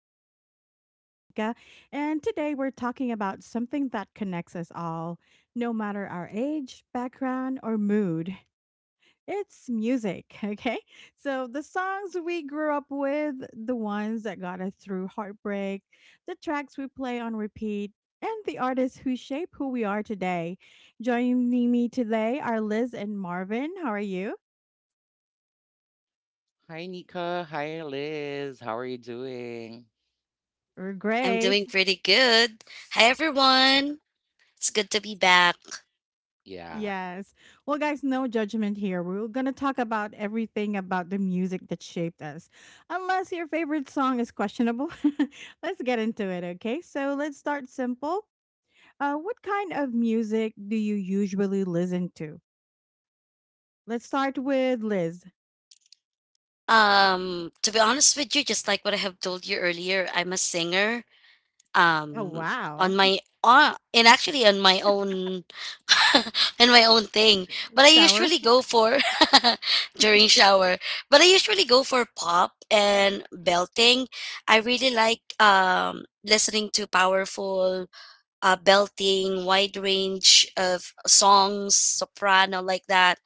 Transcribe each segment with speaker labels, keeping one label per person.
Speaker 1: Us. I'm your host, Nika, and today we're talking about something that connects us all, no matter our age, background, or mood. It's music, okay? So, the songs we grew up with, the ones that got us through heartbreak, the tracks we play on repeat, and the artists who shape who we are today. Joining me today are Liz and Marvin. How are you?
Speaker 2: Hi, Nika. Hi, Liz. How are you doing?
Speaker 1: We're
Speaker 3: I'm
Speaker 1: great.
Speaker 3: doing pretty good. Hi everyone. It's good to be back.
Speaker 2: Yeah.
Speaker 1: Yes. Well, guys, no judgment here. We're going to talk about everything about the music that shaped us. Unless your favorite song is questionable, let's get into it, okay? So let's start simple. What kind of music do you usually listen to? Let's start with Liz.
Speaker 3: To be honest with you, just like what I have told you earlier, I'm a singer.
Speaker 1: Oh,
Speaker 3: Um on
Speaker 1: wow.
Speaker 3: my and actually on my own on my own thing. But I
Speaker 1: Shower.
Speaker 3: usually go for during shower. But I usually go for pop and belting. I really like listening to powerful belting, wide range of songs, soprano, like that.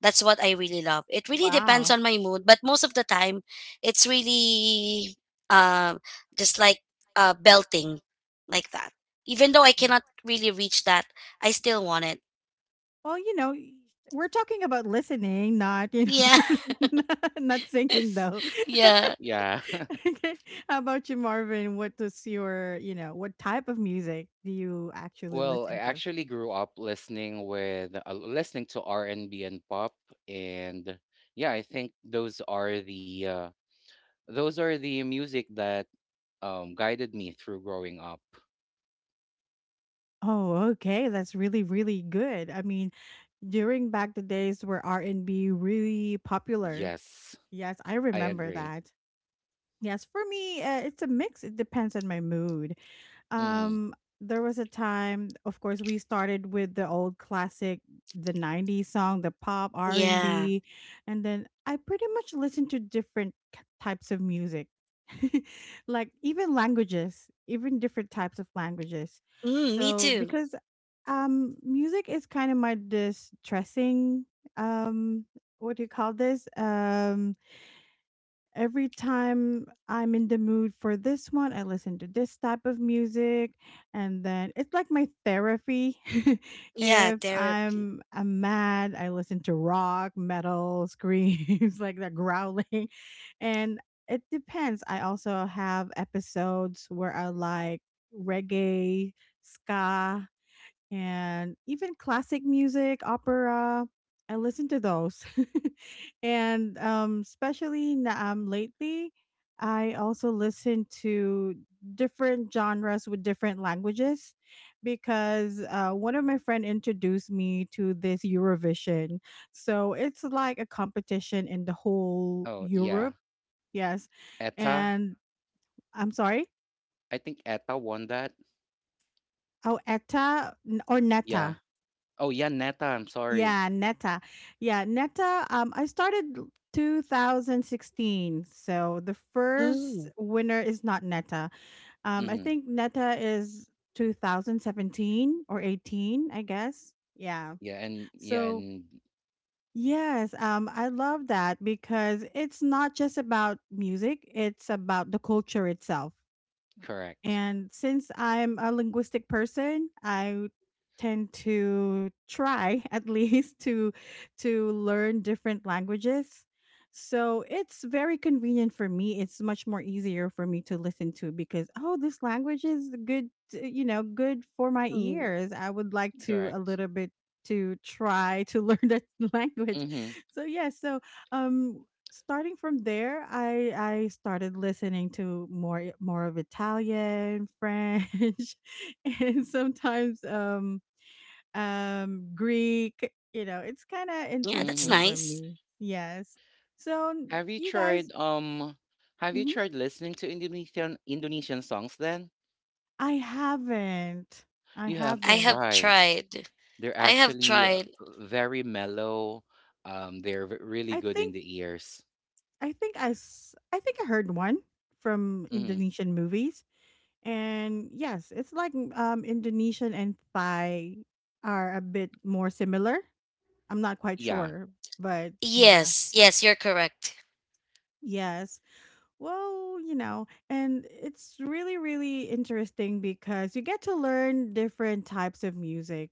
Speaker 3: That's what I really love. It really depends
Speaker 1: Wow.
Speaker 3: on my mood, but most of the time, it's really um just like belting, like that. Even though I cannot really reach that, I still want it.
Speaker 1: Well, you know, y- we're talking about listening, not, you
Speaker 3: Yeah,
Speaker 1: know, not singing, though.
Speaker 3: yeah,
Speaker 2: Yeah.
Speaker 1: Okay. How about you, Marvin? What does your, you know, What type of music do you actually
Speaker 2: Well, I
Speaker 1: listen to?
Speaker 2: actually grew up listening to R&B and B and pop and yeah, I think those are the those are the music that guided me through growing up.
Speaker 1: Oh, okay. That's really, really good. I mean, during back the days where R and B really popular.
Speaker 2: Yes,
Speaker 1: Yes, I
Speaker 2: I
Speaker 1: remember
Speaker 2: agree.
Speaker 1: that. Yes, for me, it's a mix. It depends on my mood.
Speaker 2: Mm-hmm.
Speaker 1: Um, there was a time, of course, we started with the old classic, the '90s song, the pop R and
Speaker 3: yeah.
Speaker 1: B, and then I pretty much listened to different types of music, like even languages, even different types of languages.
Speaker 3: Mm, me
Speaker 1: So
Speaker 3: too.
Speaker 1: because music is kind of my distressing, um, what do you call this? Every time I'm in the mood for this one, I listen to this type of music, and then it's like my therapy.
Speaker 3: Yeah,
Speaker 1: If
Speaker 3: therapy.
Speaker 1: I'm mad, I listen to rock, metal, screams like that growling, and it depends. I also have episodes where I like reggae, ska, and even classic music, opera. I listen to those. And especially lately, I also listen to different genres with different languages because one of my friend introduced me to this Eurovision. So it's like a competition in the whole
Speaker 2: Oh,
Speaker 1: Europe.
Speaker 2: yeah.
Speaker 1: Yes.
Speaker 2: Etta.
Speaker 1: And I'm sorry.
Speaker 2: I think Etta won that.
Speaker 1: Oh, ETA or
Speaker 2: Yeah.
Speaker 1: NETA.
Speaker 2: Oh, yeah, Neta. I'm sorry.
Speaker 1: Yeah, Neta. Yeah, Neta. I started 2016. So the
Speaker 3: Mm,
Speaker 1: first winner is not Neta. I
Speaker 2: Mm-hmm.
Speaker 1: think Neta is 2017 or 18, I guess. Yeah.
Speaker 2: Yeah, and yeah,
Speaker 1: So
Speaker 2: and
Speaker 1: yes, I love that because it's not just about music, it's about the culture itself.
Speaker 2: correct.
Speaker 1: And since I'm a linguistic person, I tend to try at least to learn different languages. So it's very convenient for me. It's much more easier for me to listen to because oh, this language is good, good for my
Speaker 3: mm.
Speaker 1: ears. I would like to a
Speaker 2: Correct.
Speaker 1: little bit to try to learn that language.
Speaker 2: Mhm,
Speaker 1: So yeah, um starting from there, I started listening to more of Italian, French, and sometimes Greek. You know, it's kind of
Speaker 3: Yeah, that's
Speaker 1: interesting
Speaker 2: mhm.
Speaker 1: for
Speaker 3: nice.
Speaker 1: me. Yes. So
Speaker 2: Have you
Speaker 1: you guys,
Speaker 2: tried, have you
Speaker 1: Mhm.
Speaker 2: tried listening to Indonesian songs then?
Speaker 1: I haven't. I
Speaker 2: You have to
Speaker 3: I
Speaker 1: haven't.
Speaker 3: have
Speaker 2: try.
Speaker 3: tried.
Speaker 2: They're
Speaker 3: I have
Speaker 2: actually,
Speaker 3: tried.
Speaker 2: very mellow, they're v really
Speaker 1: I
Speaker 2: good in
Speaker 1: think
Speaker 2: the ears.
Speaker 1: I think I heard one from
Speaker 2: Mhm.
Speaker 1: Indonesian movies. And yes, it's like Indonesian and Thai are a bit more similar. I'm not quite
Speaker 2: Yeah.
Speaker 1: sure, but yeah.
Speaker 3: Yes, yes, you're correct.
Speaker 1: Yes. Well, and it's really, really interesting because you get to learn different types of music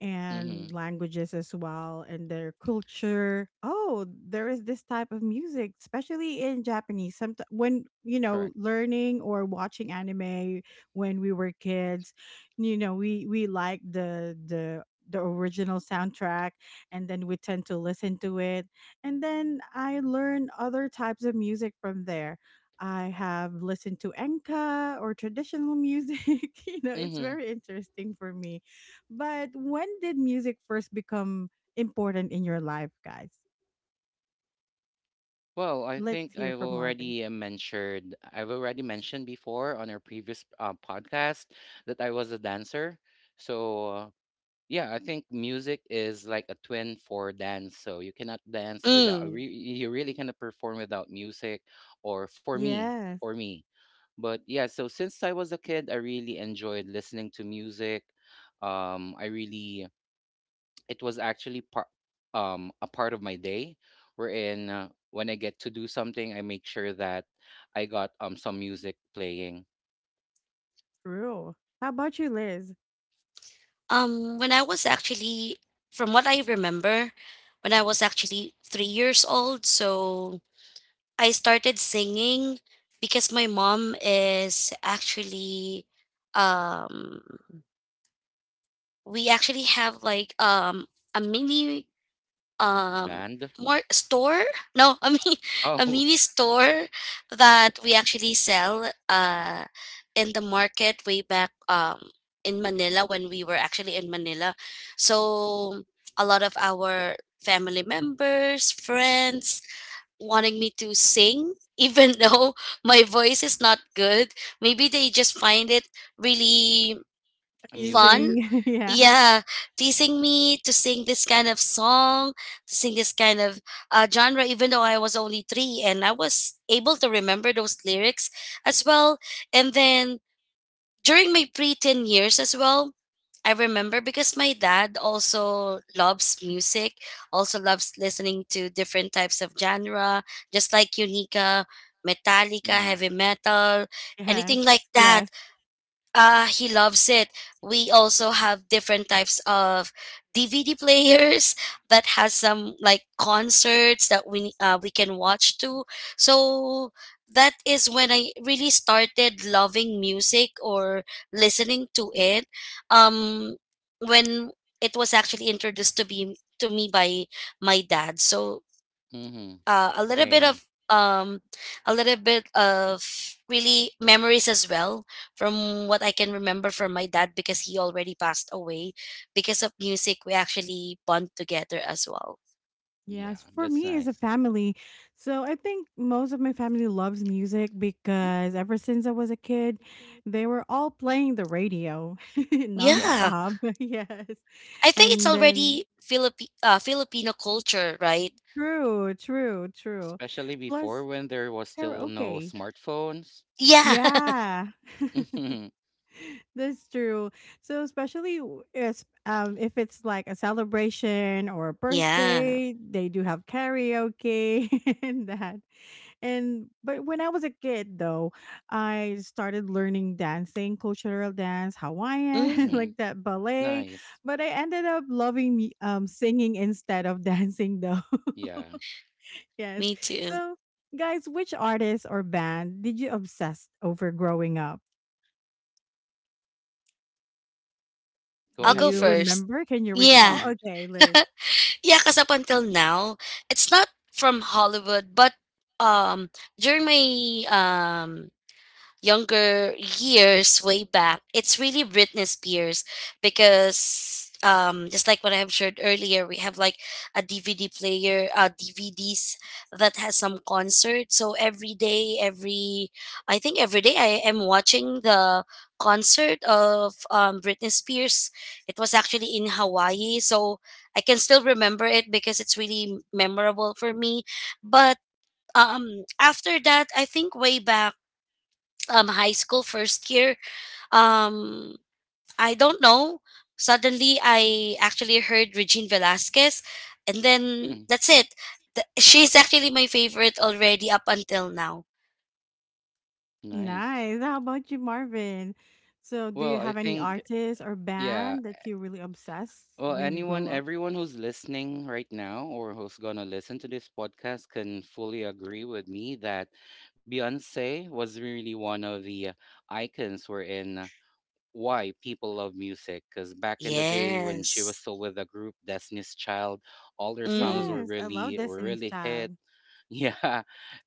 Speaker 1: and
Speaker 2: Mhm.
Speaker 1: languages as well and their culture. Oh, there is this type of music, especially in Japanese. Sometimes when,
Speaker 2: Correct.
Speaker 1: learning or watching anime when we were kids, we like the original soundtrack, and then we tend to listen to it, and then I learn other types of music from there. I have listened to Enka or traditional music. It's
Speaker 2: Mhm.
Speaker 1: very interesting for me. But when did music first become important in your life, guys?
Speaker 2: Well, I
Speaker 1: Let's
Speaker 2: think
Speaker 1: hear from Marvin.
Speaker 2: I've already mentioned before on our previous podcast that I was a dancer. So, uh, Yeah, I think music is like a twin for dance. So you cannot dance without, uh,
Speaker 3: Mm.
Speaker 2: re- you really cannot perform without music, or for me,
Speaker 1: Yes,
Speaker 2: for me. But yeah, so since I was a kid, I really enjoyed listening to music. Um, I really, it was actually a part of my day, wherein when I get to do something, I make sure that I got some music playing
Speaker 1: true. How about you, Liz?
Speaker 3: When I was actually, from what I remember, when I was actually 3 years old, so I started singing because my mom is actually, um, we actually have like a mini um
Speaker 2: band.
Speaker 3: more store. No I mean a
Speaker 2: Oh,
Speaker 3: mini store that we actually sell in the market way back in Manila, when we were actually in Manila. So a lot of our family members, friends wanting me to sing even though my voice is not good. Maybe they just find it really fun.
Speaker 2: amusing.
Speaker 1: Amusing. Yeah.
Speaker 3: Yeah, teasing me to sing this kind of song, to sing this kind of genre, even though I was only three and I was able to remember those lyrics as well. And then during my preteen years as well, I remember because my dad also loves music, also loves listening to different types of genre, just like Unica, Metallica,
Speaker 2: Mm-hmm.
Speaker 1: Yeah.
Speaker 3: heavy metal, anything like
Speaker 1: Yes.
Speaker 3: that.
Speaker 1: Yes.
Speaker 3: He loves it. We also have different types of DVD players that has some like concerts that we can watch too. So that is when I really started loving music or listening to it. Um, when it was actually introduced to be to me by my dad. So
Speaker 2: Mm-hmm.
Speaker 3: uh, a little bit
Speaker 2: Same.
Speaker 3: of um a little bit of really memories as well from what I can remember from my dad, because he already passed away. Because of music, we actually bond together as well.
Speaker 2: Yeah,
Speaker 1: Yes, for
Speaker 2: that's
Speaker 1: me as a
Speaker 2: nice.
Speaker 1: family. So I think most of my family loves music because ever since I was a kid, they were all playing the radio
Speaker 2: Yeah,
Speaker 3: Yeah,
Speaker 1: nonstop. Yes.
Speaker 3: I think it's
Speaker 1: And then
Speaker 3: already Filipino culture, right?
Speaker 1: true, true, true.
Speaker 2: especially before
Speaker 1: Plus
Speaker 2: when there was still no
Speaker 1: karaoke.
Speaker 2: smartphones.
Speaker 3: Yeah,
Speaker 1: Yeah.
Speaker 2: Mm-hmm.
Speaker 1: That's true. So especially w- as if it's like a celebration or a
Speaker 3: yeah.
Speaker 1: birthday, they do have karaoke and that. And but when I was a kid though, I started learning dancing, cultural dance, Hawaiian,
Speaker 3: Mm,
Speaker 2: Mm-hmm.
Speaker 1: like that ballet.
Speaker 2: Nice.
Speaker 1: But I ended up loving me singing instead of dancing though.
Speaker 2: Yeah.
Speaker 1: Yes.
Speaker 3: me too.
Speaker 1: So guys, which artist or band did you obsess over growing up?
Speaker 2: Go
Speaker 1: Do
Speaker 3: I'll
Speaker 2: ahead,
Speaker 3: go
Speaker 1: you
Speaker 2: Liz.
Speaker 3: first.
Speaker 1: remember? Can you
Speaker 3: Yeah.
Speaker 1: recall?
Speaker 2: Mhm.
Speaker 1: Okay, Liz.
Speaker 3: Yeah, because up until now, it's not from Hollywood, but um during my um younger years way back, it's really Britney Spears. Because just like what I've shared earlier, we have like a DVD player, DVDs that has some concert. So every day, every I think every day I am watching the concert of Britney Spears. It was actually in Hawaii, so I can still remember it because it's really memorable for me. But after that, I think way back high school first year, um I don't know, suddenly I actually heard Regine Velasquez, and then
Speaker 2: Mm.
Speaker 3: that's it. She's actually my favorite already up until now.
Speaker 2: Nice.
Speaker 1: Nice. How about you, Marvin? So do
Speaker 2: Well,
Speaker 1: you
Speaker 2: I
Speaker 1: have any
Speaker 2: think,
Speaker 1: artist or
Speaker 2: yeah.
Speaker 1: band that you really obsessed
Speaker 2: Well,
Speaker 1: when you
Speaker 2: anyone,
Speaker 1: grow up?
Speaker 2: everyone who's listening right now or who's gonna listen to this podcast can fully agree with me that Beyonce was really one of the icons we're in. Why people love music? Because back in the day when she was
Speaker 3: Yes.
Speaker 2: still with the group Destiny's Child, all their songs
Speaker 3: Mm.
Speaker 2: were
Speaker 1: Yes, I love Destiny's
Speaker 2: really hit.
Speaker 1: Child.
Speaker 2: Yeah.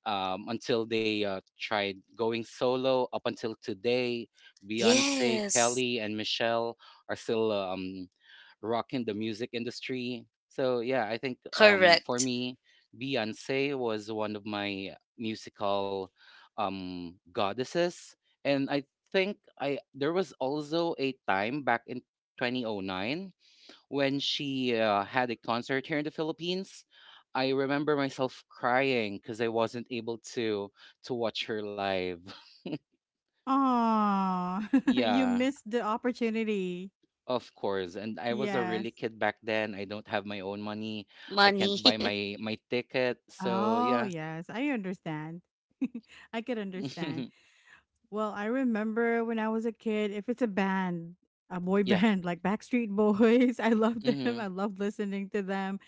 Speaker 2: Um, until they tried going solo up until today, Beyonce,
Speaker 3: Yes.
Speaker 2: Kelly, and Michelle are still rocking the music industry. So yeah, I think for
Speaker 3: Correct.
Speaker 2: me, Beyonce was one of my musical goddesses. And I think I there was also a time back in 2009 when she had a concert here in the Philippines. I remember myself crying because I wasn't able to watch her live.
Speaker 1: Oh, you
Speaker 2: Yeah.
Speaker 1: missed the opportunity.
Speaker 2: Of course, and I was a
Speaker 1: Yes.
Speaker 2: really kid back then. I don't have my own money. I can't
Speaker 3: Money.
Speaker 2: buy my ticket. So
Speaker 1: Oh,
Speaker 2: yeah,
Speaker 1: yes, I understand. I could understand. Well, I remember when I was a kid, if it's a band, a boy
Speaker 2: yeah.
Speaker 1: band like Backstreet Boys, I love them.
Speaker 2: Mm-hmm.
Speaker 1: I love listening to them.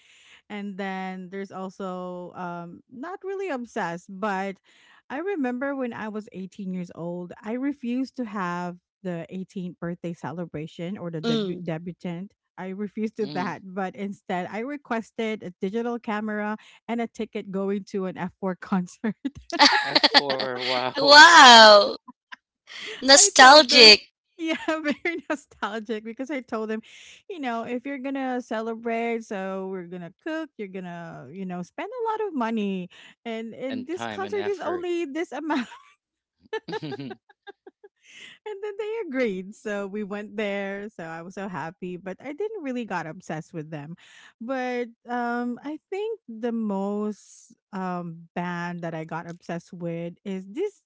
Speaker 1: And then there's also not really obsessed, but I remember when I was 18 years old, I refused to have the 18th birthday celebration or the
Speaker 3: Mm.
Speaker 1: debutant. I refused to
Speaker 2: Mm-hmm.
Speaker 1: that, but instead I requested a digital camera and a ticket going to an F4 concert.
Speaker 2: F four. Wow,
Speaker 3: Wow,
Speaker 1: I told them,
Speaker 3: nostalgic.
Speaker 1: yeah, very nostalgic because I told them, if you're gonna celebrate, so we're gonna cook, you're gonna, spend a lot of money, and and
Speaker 2: and
Speaker 1: this
Speaker 2: time and
Speaker 1: concert is
Speaker 2: effort.
Speaker 1: only this amount, and then they agreed. So we went there. So I was so happy, but I didn't really got obsessed with them. But I think the most band that I got obsessed with is this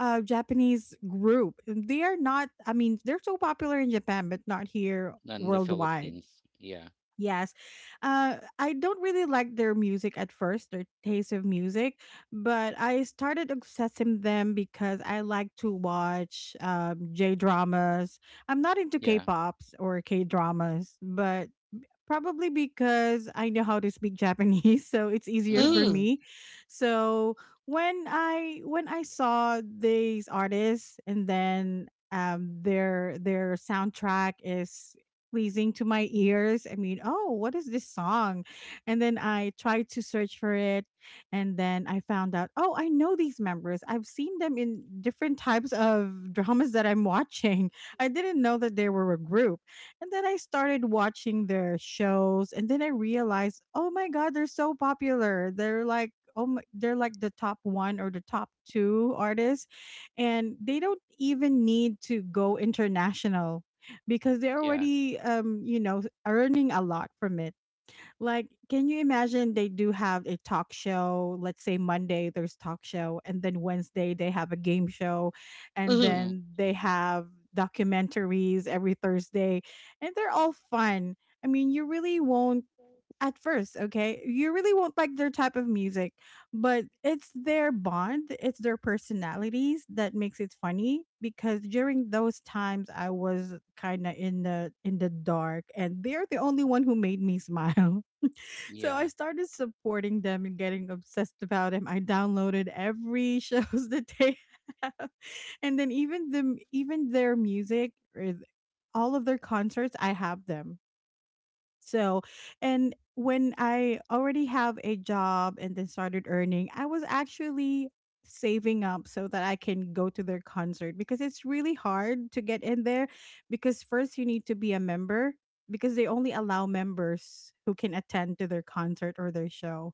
Speaker 1: Japanese group. They are not, I mean, they're so popular in Japan but not here
Speaker 2: In the
Speaker 1: worldwide.
Speaker 2: Philippines. Yeah.
Speaker 1: Yes. I don't really like their music at first, their taste of music, but I started accessing them because I like to watch J dramas. I'm not into K
Speaker 2: Yeah.
Speaker 1: pops or K dramas, but probably because I know how to speak Japanese, so it's easier for
Speaker 2: Mm-hmm.
Speaker 3: Mm.
Speaker 1: me. So when I saw these artists, and then their soundtrack is pleasing to my ears. I mean, oh, what is this song? And then I tried to search for it, and then I found out, oh, I know these members. I've seen them in different types of dramas that I'm watching. I didn't know that they were a group, and then I started watching their shows, and then I realized, oh my god, they're so popular. They're like, oh, my, they're like the top one or the top two artists, and they don't even need to go international because they're
Speaker 2: Yeah.
Speaker 1: already, earning a lot from it. Like, can you imagine they do have a talk show? Let's say Monday there's talk show, and then Wednesday they have a game show, and
Speaker 3: Mm-hmm.
Speaker 2: Mm-hmm.
Speaker 1: then they have documentaries every Thursday, and they're all fun. I mean, you really won't at first, okay? You really won't like their type of music, but it's their bond, it's their personalities that makes it funny because during those times I was kind of in the dark, and they're the only one who made me smile. So I
Speaker 2: Yeah.
Speaker 1: started supporting them and getting obsessed about them. I downloaded every shows that they have. And then even their music or all of their concerts, I have them. So, and when I already have a job and then started earning, I was actually saving up so that I can go to their concert because it's really hard to get in there, because first you need to be a member, because they only allow members who can attend to their concert or their show,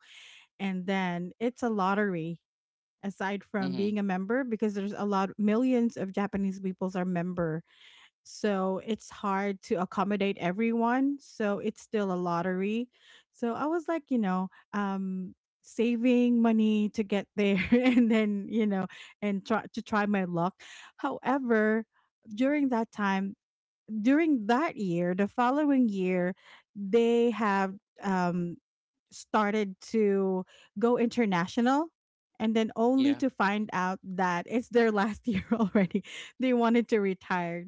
Speaker 1: and then it's a lottery aside from being
Speaker 2: Mm-hmm.
Speaker 1: a member because there's a lot millions of Japanese peoples are member, so it's hard to accommodate everyone, so it's still a lottery. So I was like, saving money to get there and then and try to try my luck. However, during that time, during that year, the following year, they have um started to go international, and then only
Speaker 2: Yeah.
Speaker 1: to find out that it's their last year already. They wanted to retire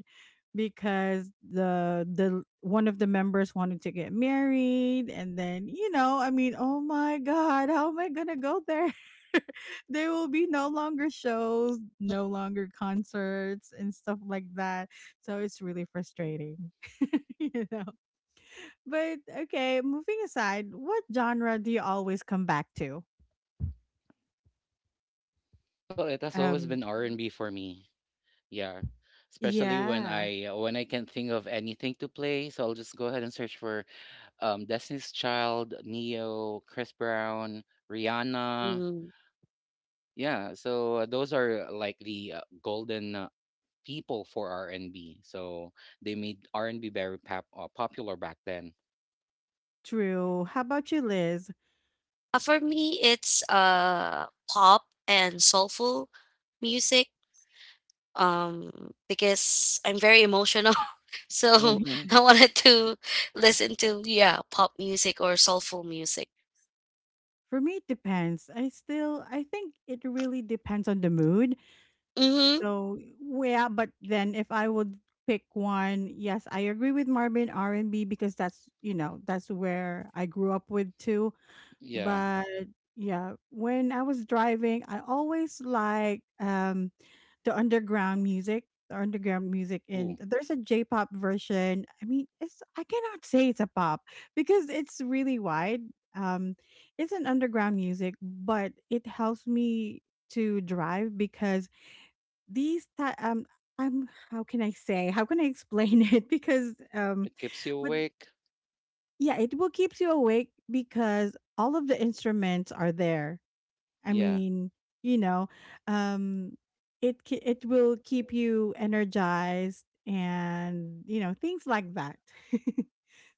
Speaker 1: because the one of the members wanted to get married, and then I mean, oh my god, how am I going to go there? There will be no longer shows, no longer concerts and stuff like that, so it's really frustrating. you know but okay, moving aside, what genre do you always come back to?
Speaker 2: Well, it has always
Speaker 1: Um,
Speaker 2: been R and B for me. Yeah. Especially when
Speaker 1: yeah,
Speaker 2: I can't think of anything to play, so I'll just go ahead and search for Destiny's Child, Neo, Chris Brown, Rihanna.
Speaker 3: Mm-hmm.
Speaker 2: Yeah, so those are like the golden people for R&B. So they made R&B very popular back then.
Speaker 1: true. How about you, Liz?
Speaker 3: For me, it's pop and soulful music um because I'm very emotional. So
Speaker 2: Mm-hmm.
Speaker 3: I wanted to listen to, yeah, pop music or soulful music.
Speaker 1: For me, it depends. I still, I think it really depends on the mood.
Speaker 3: Mhm.
Speaker 1: So yeah, but then if I would pick one, yes, I agree with Marvin. R and B, because that's that's where I grew up with too.
Speaker 2: Yeah.
Speaker 1: But yeah, when I was driving, I always like the underground music, and
Speaker 2: Ooh,
Speaker 1: there's a J-pop version. I mean, it's, I cannot say it's a pop because it's really wide. Um, it's an underground music, but it helps me to drive because these ti how can I explain it because
Speaker 2: it keeps you
Speaker 1: but
Speaker 2: awake.
Speaker 1: yeah, it will keeps you awake because all of the instruments are there. I
Speaker 2: Yeah.
Speaker 1: mean, you know, um, it will keep you energized, and you know, things like that.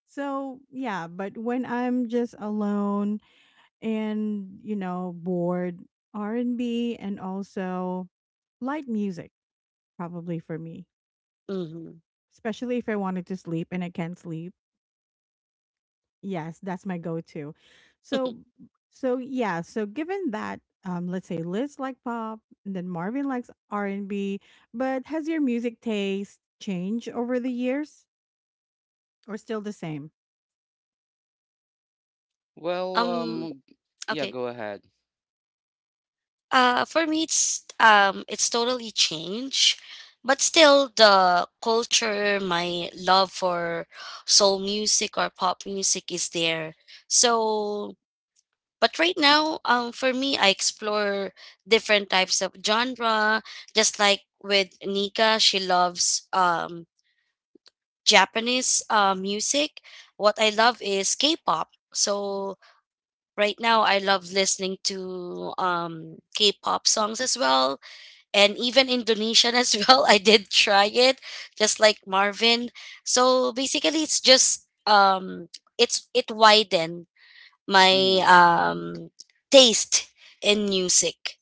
Speaker 1: So yeah, but when I'm just alone and you know, bored, R and B and also light music probably for me,
Speaker 3: Mhm.
Speaker 1: especially if I wanted to sleep and I can't sleep. Yes, that's my go-to. So, so yeah, so given that, let's say Liz like pop, and then Marvin likes R and B, but has your music taste changed over the years, or still the same?
Speaker 2: Well,
Speaker 3: Um
Speaker 2: yeah.
Speaker 3: okay.
Speaker 2: Go ahead.
Speaker 3: For me, it's totally changed, but still the culture, my love for soul music or pop music is there. So, but right now, for me, I explore different types of genre. Just like with Nika, she loves Japanese music. What I love is K-pop. So right now, I love listening to K-pop songs as well, and even Indonesian as well. I did try it, just like Marvin. So basically, it widened my
Speaker 2: Mm-hmm.
Speaker 3: taste in music.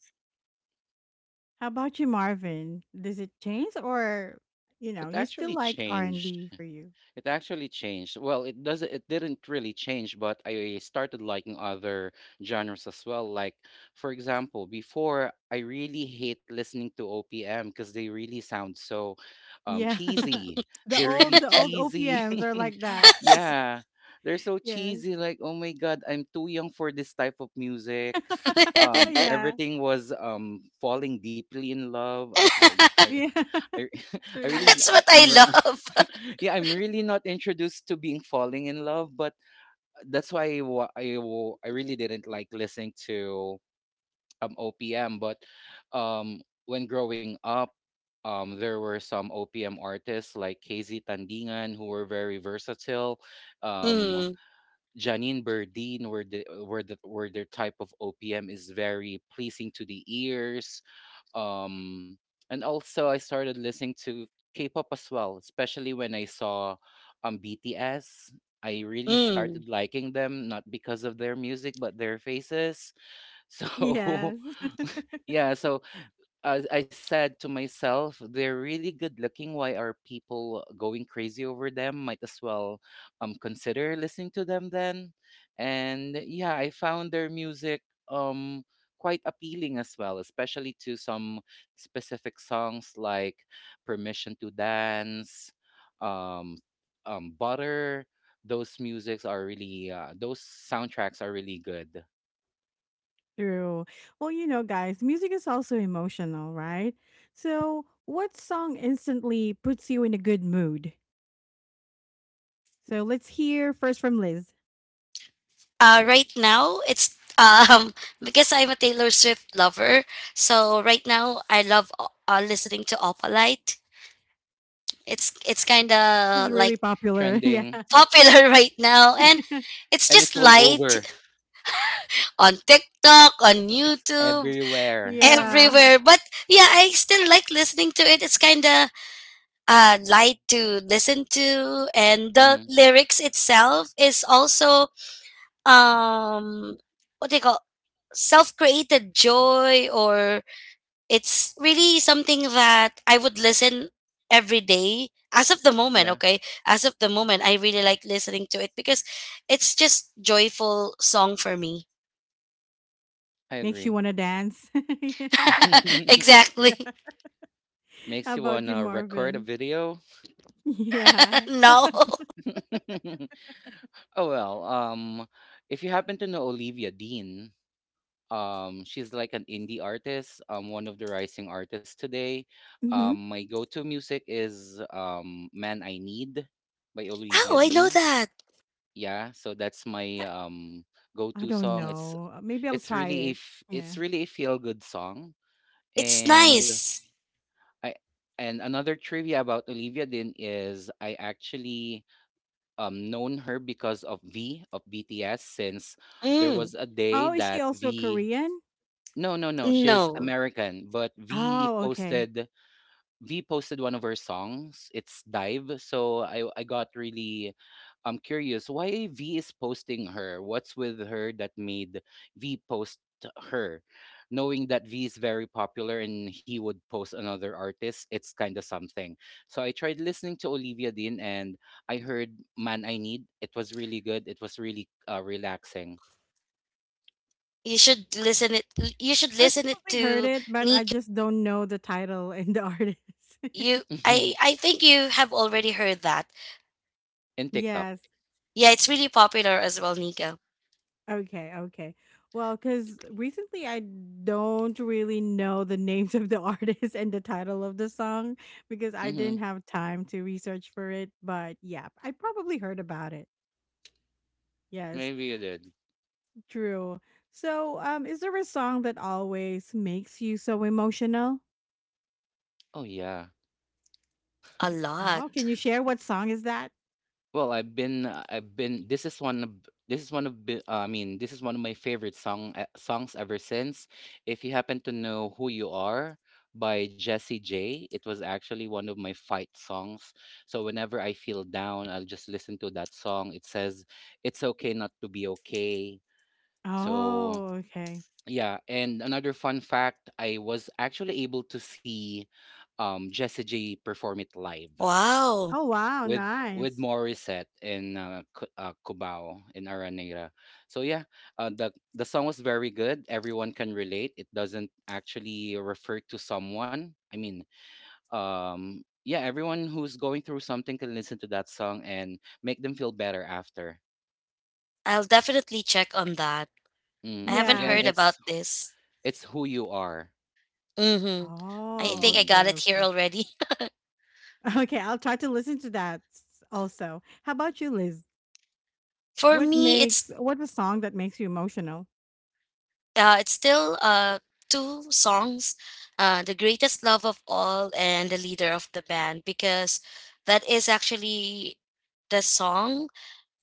Speaker 1: How about you, Marvin? Does it change, or you
Speaker 2: It
Speaker 1: know, you still
Speaker 2: actually
Speaker 1: like R and
Speaker 2: changed.
Speaker 1: B for you?
Speaker 2: It actually changed. Well, it didn't really change, but I started liking other genres as well. Like for example, before I really hate listening to OPM because they really sound so
Speaker 1: Yeah,
Speaker 2: cheesy.
Speaker 1: the
Speaker 2: They're
Speaker 1: old
Speaker 2: really cheesy.
Speaker 1: OPMs are like that.
Speaker 2: Yeah. They're so
Speaker 1: Yes.
Speaker 2: cheesy like, "Oh my god, I'm too young for this type of music."
Speaker 1: Oh yeah.
Speaker 2: Everything was falling deeply in love. I
Speaker 1: Yeah.
Speaker 2: I, I
Speaker 1: True.
Speaker 2: really
Speaker 3: That's what
Speaker 2: I-
Speaker 3: I
Speaker 2: I'm r-
Speaker 3: love.
Speaker 2: yeah, I'm really not introduced to being falling in love, but that's why I really didn't like listening to OPM. But when growing up, there were some OPM artists like KZ Tandingan who were very versatile. Um,
Speaker 3: Mm,
Speaker 2: Janine Berdine were their type of OPM is very pleasing to the ears, um, and also, I started listening to K-pop as well, especially when I saw BTS. I really
Speaker 3: mm.
Speaker 2: started liking them, not because of their music, but their faces. So
Speaker 1: Yes.
Speaker 2: yeah, so as I said to myself, they're really good looking, why are people going crazy over them? Might as well consider listening to them then. And yeah, I found their music um quite appealing as well, especially to some specific songs like Permission to Dance, um Butter. Those musics are really those soundtracks are really good.
Speaker 1: True. Well, you know, guys, music is also emotional, right? So, what song instantly puts you in a good mood? So, let's hear first from Liz,
Speaker 3: Right now, it's um because I'm a Taylor Swift lover. So right now, I love listening to Opalite. It's kind
Speaker 1: which is
Speaker 3: of like
Speaker 1: really popular. Yeah.
Speaker 2: Trending.
Speaker 3: popular right now. And it's
Speaker 2: And
Speaker 3: just
Speaker 2: it's all
Speaker 3: light
Speaker 2: over.
Speaker 3: on TikTok, on
Speaker 2: It's
Speaker 3: YouTube,
Speaker 2: everywhere.
Speaker 1: Yeah.
Speaker 3: everywhere. But yeah, I still like listening to it. It's kind of light to listen to. And the
Speaker 2: Hmm.
Speaker 3: lyrics itself is also, um, what do you call self created joy, or it's really something that I would listen every day as of the moment.
Speaker 2: Yeah,
Speaker 3: Okay, as of the moment I really like listening to it because it's just joyful song for me.
Speaker 2: I
Speaker 1: Makes you
Speaker 2: agree.
Speaker 1: want to dance. Yeah.
Speaker 3: Exactly.
Speaker 1: Yeah.
Speaker 2: Makes
Speaker 1: How
Speaker 2: you
Speaker 1: about you,
Speaker 2: wanna record a
Speaker 1: Marvin?
Speaker 2: video.
Speaker 1: Yeah.
Speaker 3: No. Oh,
Speaker 2: Oh, well, if you happen to know Olivia Dean, she's like an indie artist, one of the rising artists today.
Speaker 1: Mm-hmm.
Speaker 2: My go-to music is "Man I Need" by Olivia
Speaker 3: I know
Speaker 2: Dean.
Speaker 3: that.
Speaker 2: Yeah, so that's my
Speaker 1: I
Speaker 2: go-to
Speaker 1: don't
Speaker 2: song. It's
Speaker 1: know. Maybe I'll try it. Yeah.
Speaker 2: it's really a feel-good song,
Speaker 3: It's
Speaker 2: and
Speaker 3: nice.
Speaker 2: I and another trivia about Olivia Din is I actually known her because of V of BTS, since there
Speaker 3: Mm.
Speaker 2: was a day
Speaker 1: Oh, is she
Speaker 2: that
Speaker 1: also
Speaker 2: V...
Speaker 1: Korean?
Speaker 2: No, no, no, she's
Speaker 3: No,
Speaker 2: American, but V
Speaker 1: Oh, okay.
Speaker 2: posted, V posted one of her songs. It's Dive. So I got really curious why V is posting her. What's with her that made V post her? Knowing that V is very popular and he would post another artist, it's kind of something. So I tried listening to Olivia Dean and I heard Man I Need. It was really good. It was really relaxing.
Speaker 3: you should listen it you should
Speaker 1: I
Speaker 3: listen it
Speaker 1: probably heard
Speaker 3: to
Speaker 1: it, but I
Speaker 3: Nico.
Speaker 1: just don't know the title and the artist.
Speaker 3: you i i think you have already heard that.
Speaker 2: In TikTok.
Speaker 1: Yes.
Speaker 3: Yeah, it's really popular as well, Nico.
Speaker 1: Okay, okay. Well, because recently I don't really know the names of the artist and the title of the song because I
Speaker 2: Mm-hmm.
Speaker 1: didn't have time to research for it. But yeah, I probably heard about it. Yes,
Speaker 2: Maybe you did.
Speaker 1: true. So, is there a song that always makes you so emotional?
Speaker 2: Oh yeah.
Speaker 3: A lot.
Speaker 1: Oh, can you share what song is that?
Speaker 2: Well, I've been this is one of this is one of my favorite songs ever since. If you happen to know Who You Are by Jessie J, it was actually one of my fight songs. So whenever I feel down, I'll just listen to that song. It says it's okay not to be okay. So
Speaker 1: Oh, okay.
Speaker 2: yeah, and another fun fact, I was actually able to see Jessie J perform it live
Speaker 3: Wow.
Speaker 1: Oh, wow,
Speaker 2: with
Speaker 1: nice.
Speaker 2: Morissette in Cubao in Araneta. So yeah, the song was very good. Everyone can relate. It doesn't actually refer to someone. I mean, yeah, everyone who's going through something can listen to that song and make them feel better after.
Speaker 3: I'll definitely check on that. I
Speaker 2: Mm,
Speaker 3: haven't
Speaker 2: again,
Speaker 3: heard
Speaker 1: Yes.
Speaker 3: about this.
Speaker 2: it's Who You Are.
Speaker 3: Mm-hmm. I
Speaker 1: Oh,
Speaker 3: think I
Speaker 2: Mm-hmm.
Speaker 3: got
Speaker 1: okay,
Speaker 3: it here
Speaker 1: okay.
Speaker 3: already.
Speaker 1: Okay, I'll try to listen to that s- also. How about you, Liz?
Speaker 3: For
Speaker 1: What
Speaker 3: me,
Speaker 1: makes what's a song that makes you emotional?
Speaker 3: it's still two songs, "The Greatest Love of All" and "The Leader of the Band," because that is actually the song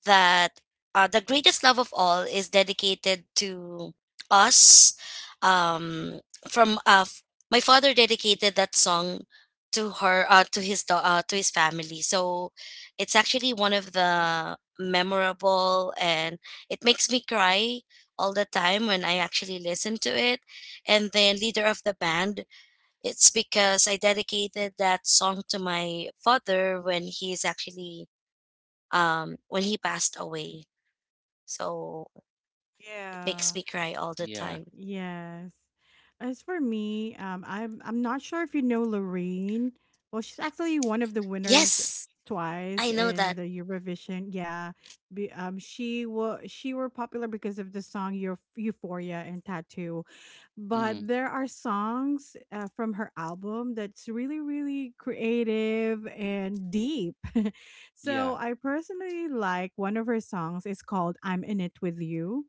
Speaker 3: that the greatest love of all is dedicated to us. Um, from uh, f- my father dedicated that song to her, to his to his family. So it's actually one of the memorable, and it makes me cry all the time when I actually listen to it. And then leader of the band, it's because I dedicated that song to my father when he's actually when he passed away. So it makes
Speaker 1: Yeah.
Speaker 3: me cry all the
Speaker 2: Yeah.
Speaker 3: time.
Speaker 1: Yes. As for me, I'm not sure if you know Loreen. Well, she's actually one of the winners
Speaker 3: Yes,
Speaker 1: twice
Speaker 3: I know
Speaker 1: in
Speaker 3: that.
Speaker 1: the Eurovision. Yeah, she were popular because of the song Euphoria and Tattoo. But
Speaker 2: Mm-hmm.
Speaker 1: there are songs, from her album that's really really creative and deep. So
Speaker 2: Yeah.
Speaker 1: I personally like one of her songs. It's called I'm In It With You.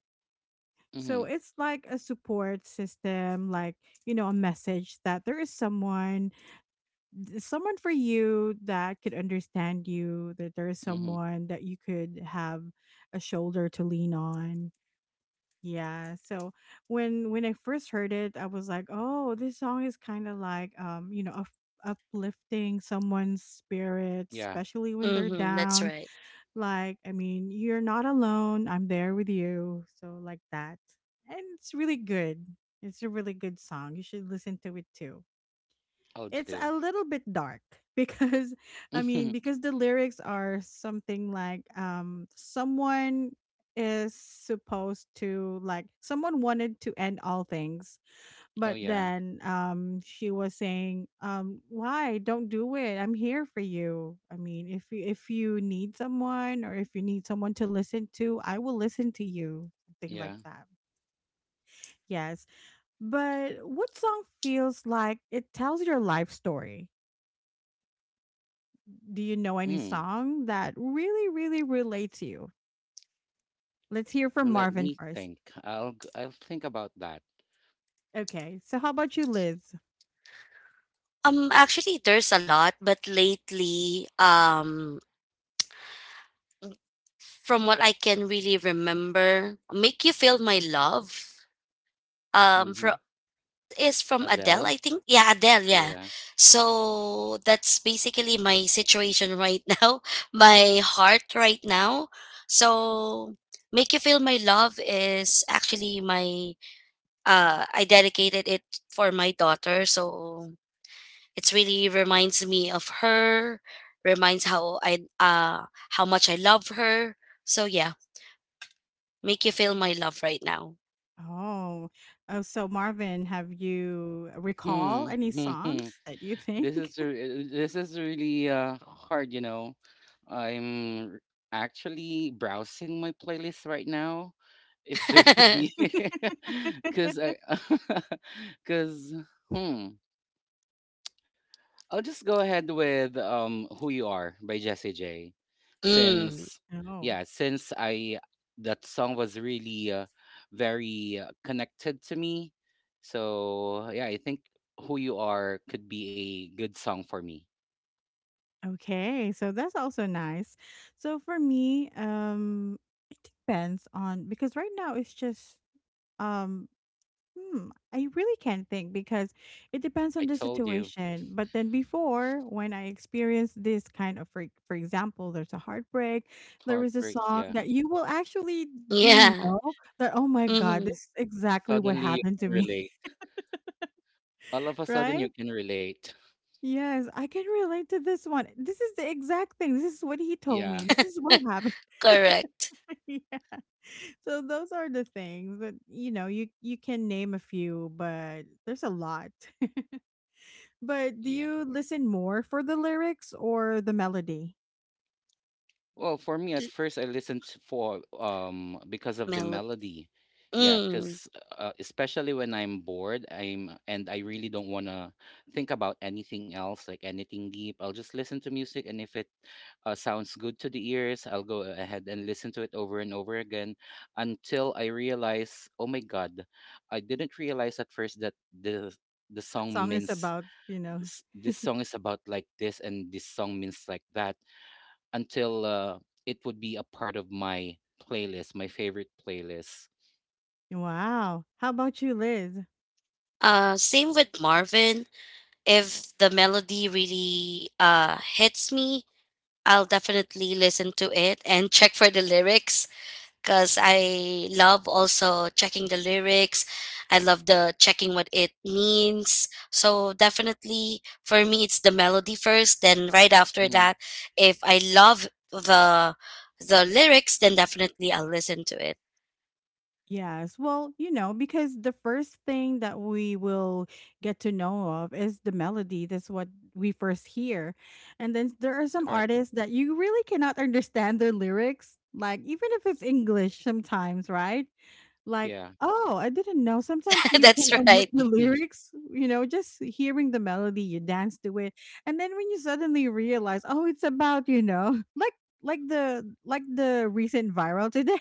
Speaker 1: So
Speaker 2: Mm-hmm.
Speaker 1: it's like a support system, like, you know, a message that there is someone, someone for you that could understand you, that there is
Speaker 2: Mm-hmm.
Speaker 1: someone that you could have a shoulder to lean on. Yeah, so when I first heard it, I was like, "Oh, this song is kind of like, you know, up uplifting someone's spirit,
Speaker 2: Yeah.
Speaker 1: especially when they're
Speaker 3: Mm-hmm, that's
Speaker 1: down.
Speaker 3: right.
Speaker 1: Like, I mean, you're not alone. I'm there with you." So like that. And it's really good. It's a really good song. You should listen to it too.
Speaker 2: I'll
Speaker 1: It's
Speaker 2: do.
Speaker 1: a little bit dark because I mean, because the lyrics are something like, um, someone is supposed to like, someone wanted to end all things, but
Speaker 2: Oh yeah.
Speaker 1: then, um, she was saying, um, why don't do it, I'm here for you. I mean, if you, if you need someone, or if you need someone to listen to, I will listen to you, something like
Speaker 2: Yeah.
Speaker 1: that. Yes. But what song feels like it tells your life story? Do you know any
Speaker 2: Mm.
Speaker 1: song that really, really relates to you? Let's hear from
Speaker 2: Let
Speaker 1: Marvin
Speaker 2: me
Speaker 1: first.
Speaker 2: think. I'll think about that.
Speaker 1: Okay. So how about you, Liz?
Speaker 3: Actually, there's a lot, but lately, from what I can really remember, "Make You Feel My Love," from
Speaker 2: Hmm.
Speaker 3: that is from Adele, I
Speaker 2: Adele.
Speaker 3: think. Yeah, Adele, yeah.
Speaker 2: Yeah.
Speaker 3: So that's basically my situation right now, my heart right now. So Make You Feel My Love is actually my I dedicated it for my daughter. So it's really reminds me of her, reminds how much I love her. So yeah, make you feel my love right now.
Speaker 1: Oh, oh. So Marvin, have you recall
Speaker 2: Hmm.
Speaker 1: any songs that you think?
Speaker 2: This is really hard, you know. I'm r- Actually browsing my playlist right now. If there could be, because because hmm. I'll just go ahead with Who You Are by Jessie J.
Speaker 3: Mm,
Speaker 2: Since
Speaker 1: Oh,
Speaker 2: Yeah, since I that song was really very connected to me. So yeah, I think Who You Are could be a good song for me.
Speaker 1: okay. So that's also nice. So for me, it depends on, because right now it's just um hmm, I really can't think, because it depends
Speaker 2: I
Speaker 1: on the
Speaker 2: told you,
Speaker 1: situation. But then before, when I experienced this kind of, for example, there's a heartbreak, there was a
Speaker 2: heartbreaks,
Speaker 1: song
Speaker 2: yeah.
Speaker 1: that you will actually didn't
Speaker 3: yeah.
Speaker 1: know that, oh my God,
Speaker 3: Mm-hmm,
Speaker 1: this is exactly what
Speaker 2: Suddenly you
Speaker 1: happened to
Speaker 2: can
Speaker 1: me,
Speaker 2: relate. All of a sudden you
Speaker 1: right?
Speaker 2: can relate.
Speaker 1: Yes, I can relate to this one. This is the exact thing. This is what he told me.
Speaker 2: Yeah,
Speaker 1: This is what happened.
Speaker 3: correct.
Speaker 1: Yeah. So those are the things that, you know, you can name a few, but there's a lot. But do
Speaker 2: yeah.
Speaker 1: you listen more for the lyrics or the melody?
Speaker 2: Well, for me, at first, for because of the
Speaker 3: Melody.
Speaker 2: melody. Yeah,
Speaker 3: Mm.
Speaker 2: because especially when I'm bored, I really don't want to think about anything else, like anything deep. I'll just listen to music, and if it sounds good to the ears, I'll go ahead and listen to it over and over again until I realize, oh my God, I didn't realize at first that the
Speaker 1: The
Speaker 2: song
Speaker 1: song is
Speaker 2: means
Speaker 1: about, you know.
Speaker 2: this song is about like this and this song means like that until it would be a part of my playlist, my favorite playlist.
Speaker 1: Wow. How about you, Liz?
Speaker 3: Same with Marvin. If the melody really hits me, I'll definitely listen to it and check for the lyrics because I love also checking the lyrics. I love the checking what it means. So definitely for me it's the melody first, then right after
Speaker 2: Hmm.
Speaker 3: that, if I love the lyrics, then definitely I'll listen to it.
Speaker 1: Yes. Well, you know, because the first thing that we will get to know of is the melody. That's what we first hear. And then there are some
Speaker 2: Correct.
Speaker 1: artists that you really cannot understand their lyrics, like even if it's English sometimes, right? Like,
Speaker 2: Yeah.
Speaker 1: oh, I didn't know. Sometimes you can
Speaker 3: That's
Speaker 1: omit
Speaker 3: right.
Speaker 1: the lyrics, you know, just hearing the melody, you dance to it. And then when you suddenly realize, oh, it's about, you know, like like the recent viral today,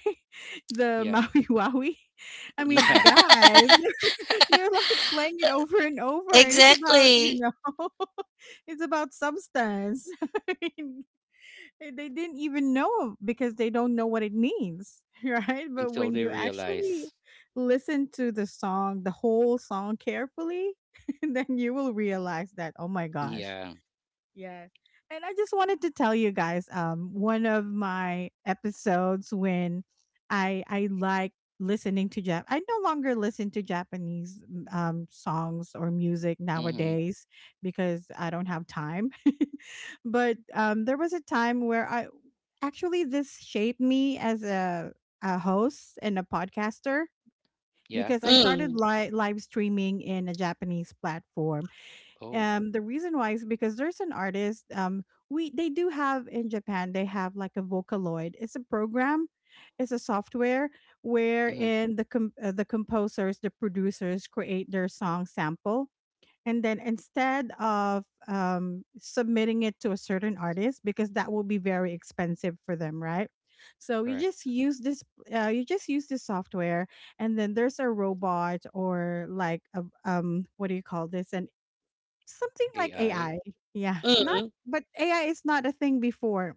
Speaker 1: the
Speaker 2: Yeah.
Speaker 1: Maui Wowie. I mean,
Speaker 2: Yeah.
Speaker 1: guys, you're like playing it over and over, and it's about, you
Speaker 3: Exactly.
Speaker 1: know, it's about substance. I mean, eh, they didn't even know because they don't know what it means, right? But
Speaker 2: Until
Speaker 1: when
Speaker 2: they
Speaker 1: you actually
Speaker 2: realize.
Speaker 1: listen to the song, the whole song carefully, then you will realize that oh my gosh,
Speaker 2: Yeah.
Speaker 1: yes. And I just wanted to tell you guys, um, one of my episodes when I like listening to Jap I no longer listen to Japanese songs or music
Speaker 2: Mm-hmm.
Speaker 1: nowadays because I don't have time. But um, there was a time where I actually this shaped me as a host and a podcaster
Speaker 2: Yeah.
Speaker 1: because I started
Speaker 3: Mm,
Speaker 1: live streaming in a Japanese platform.
Speaker 2: Oh.
Speaker 1: Um, the reason why is because there's an artist. We they do have in Japan. They have like a Vocaloid. It's a program. It's a software
Speaker 2: Mm-hmm.
Speaker 1: wherein the the composers, the producers create their song sample, and then instead of, submitting it to a certain artist because that will be very expensive for them, right? So you just
Speaker 2: Correct.
Speaker 1: use this. You just use this software, and then there's a robot or like a, what do you call this? An, something like
Speaker 2: AI.
Speaker 1: AI. Yeah.
Speaker 2: Yeah.
Speaker 1: Not,
Speaker 3: mm.
Speaker 1: but AI is not a thing before.